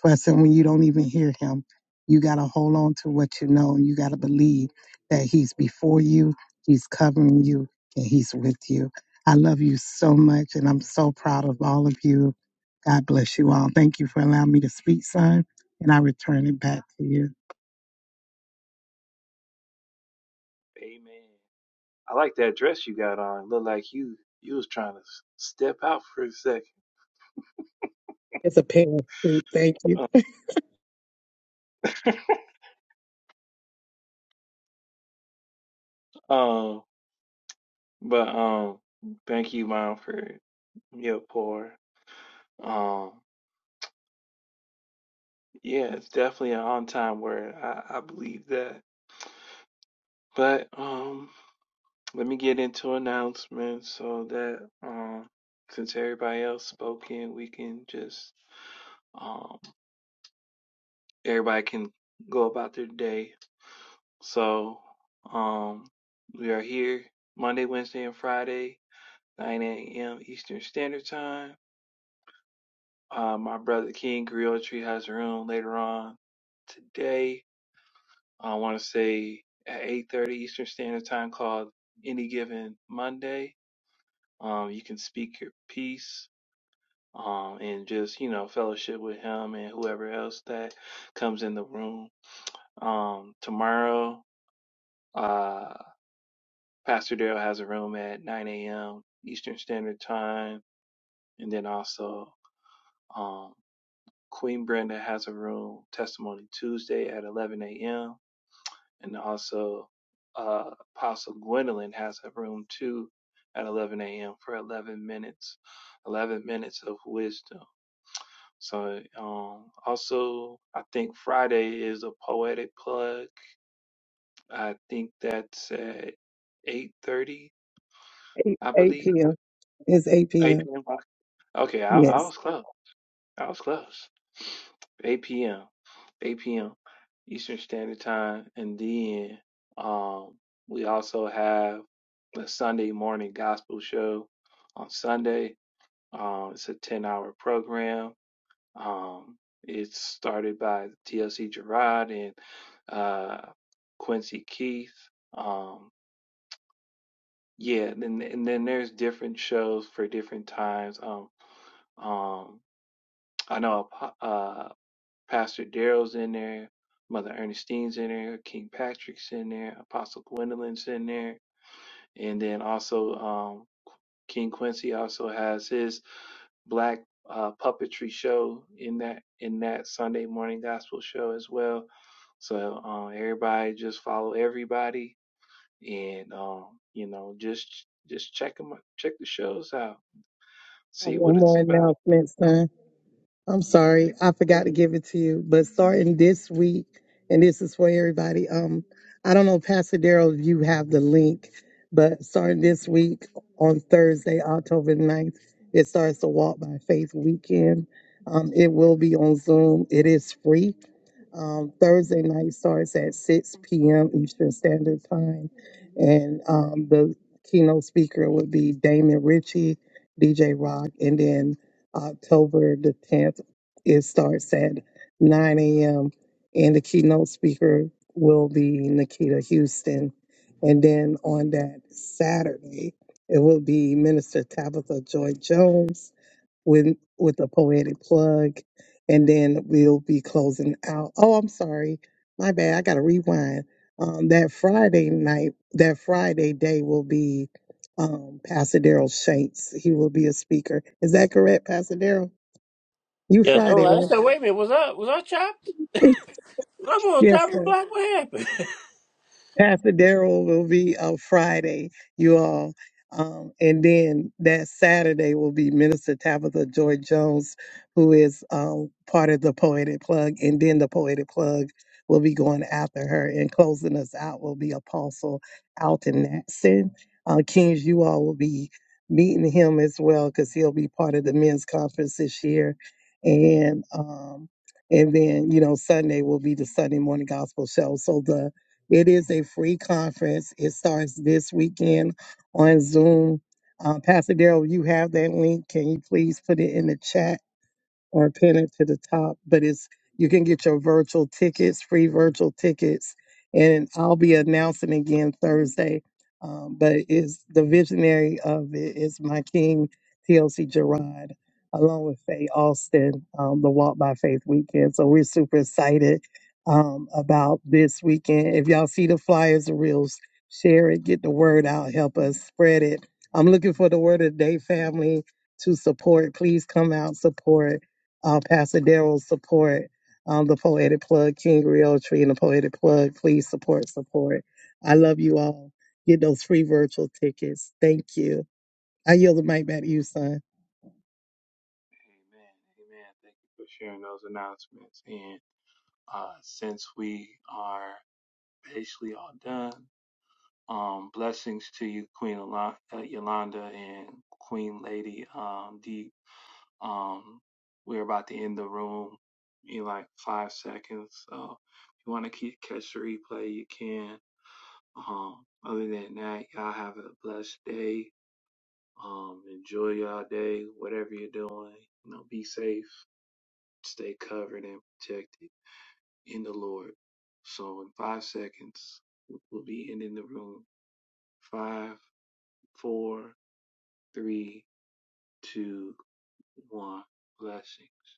[SPEAKER 11] Trust him when you don't even hear him. You got to hold on to what you know. You got to believe that he's before you, he's covering you, and he's with you. I love you so much, and I'm so proud of all of you. God bless you all. Thank you for allowing me to speak, son, and I return it back to you.
[SPEAKER 1] Amen. I like that dress you got on. It Looked like you you was trying to step out for a second.
[SPEAKER 11] It's a pair. Thank you.
[SPEAKER 1] *laughs* Um, But um, thank you, Mom, for your pour. Um, yeah, it's definitely an on-time word. I, I believe that. But um, let me get into announcements so that um, since everybody else spoke in, we can just um, everybody can go about their day. So um, we are here Monday, Wednesday, and Friday, 9 a.m. Eastern Standard Time. Uh, my brother King Griotri has a room later on today. I want to say at 8:30 Eastern Standard Time called Any Given Monday. Um, you can speak your piece um, and just you know fellowship with him and whoever else that comes in the room. Um, tomorrow, uh, Pastor Daryl has a room at 9 a.m. Eastern Standard Time, and then also. um, Queen Brenda has a room testimony Tuesday at 11 a.m. And also, uh, Apostle Gwendolyn has a room too at 11 a.m. for 11 minutes, 11 minutes of wisdom. So, um, also, I think Friday is a poetic plug. I think that's at 8.30,
[SPEAKER 11] 8,
[SPEAKER 1] I
[SPEAKER 11] 8
[SPEAKER 1] believe.
[SPEAKER 11] p.m. It's 8
[SPEAKER 1] 8
[SPEAKER 11] p.m.
[SPEAKER 1] p.m. Okay, I, I
[SPEAKER 11] Yes.
[SPEAKER 1] was close. I was close. 8 p.m. 8 p.m. Eastern Standard Time, and then um, we also have a Sunday morning gospel show on Sunday. Um, it's a 10-hour program. Um, it's started by TLC Gerard and uh, Quincy Keith. Um, yeah, and, then- and then there's different shows for different times. Um, um, I know. uh, Pastor Daryl's in there, Mother Ernestine's in there, King Patrick's in there, Apostle Gwendolyn's in there, and then also um, King Quincy also has his black uh, puppetry show in that in that Sunday morning gospel show as well. So uh, everybody just follow everybody, and um, you know just just check 'em out, check the shows out, see
[SPEAKER 11] One
[SPEAKER 1] what it's
[SPEAKER 11] more
[SPEAKER 1] about.
[SPEAKER 11] announcement, son. I'm sorry, I forgot to give it to you. But starting this week, and this is for everybody. Um, I don't know, Pastor Daryl, if you have the link, but starting this week on Thursday, October ninth, it starts the Walk by Faith weekend. Um, it will be on Zoom. It is free. Um, Thursday night starts at 6 p.m. Eastern Standard Time. And um, the keynote speaker would be Damon Ritchie, DJ Rock. And then October the 10th. It starts at 9 a.m. and the keynote speaker will be Nikita Houston. And then on that Saturday, it will be Minister Tabitha Joy Jones with with a poetic plug. And then we'll be closing out. Oh, I'm sorry. My bad. I got to rewind. Um, that Friday night, that Friday day will be um, Pastor Daryl Shanks. He will be a speaker. Is that correct, Pastor Daryl? You
[SPEAKER 3] Yes, all
[SPEAKER 11] Friday,
[SPEAKER 3] right. I
[SPEAKER 11] right?
[SPEAKER 3] said, wait a minute, was I was I chopped?
[SPEAKER 11] *laughs*
[SPEAKER 3] I'm on top
[SPEAKER 11] Yes,
[SPEAKER 3] of the
[SPEAKER 11] sir.
[SPEAKER 3] block. What happened?
[SPEAKER 11] Pastor Daryl will be on Friday, you all. Um, and then that Saturday will be Minister Tabitha Joy Jones, who is um, part of the Poetic Plug. And then the Poetic Plug will be going after her. And closing us out will be Apostle Alton Natson. Uh, Kings, you all will be meeting him as well because he'll be part of the men's conference this year. And um, and then, you know, Sunday will be the Sunday morning gospel show. So the it is a free conference. It starts this weekend on Zoom. Uh, Pastor Daryl, you have that link. Can you please put it in the chat? or pin it to the top. But it's you can get your virtual tickets, free virtual tickets, and I'll be announcing again Thursday. Um, but it's the visionary of it is my king, TLC Gerard, along with Faye Austin, um, the Walk by Faith weekend. So we're super excited um, about this weekend. If y'all see the flyers and reels, share it, get the word out, help us spread it. I'm looking for the word of the day family to support. Please come out, support uh, Pastor Daryl's support, um, the Poetic Plug, King Realtree, and the Poetic Plug. Please support, support. I love you all. Get those free virtual tickets. Thank you. I yield the mic back to you, son.
[SPEAKER 1] Amen, amen. Thank you for sharing those announcements and. Uh, since we are basically all done, um, blessings to you, Queen Yola- uh, Yolanda and Queen Lady um, Deep. Um, we're about to end the room in like five seconds. So if you want to keep, catch the replay, you can. Um, other than that, y'all have a blessed day. Um, enjoy y'all day, whatever you're doing. You know, be safe, stay covered and protected. in the Lord. So in five seconds, we'll be ending the room. Five, four, three, two, one. Blessings.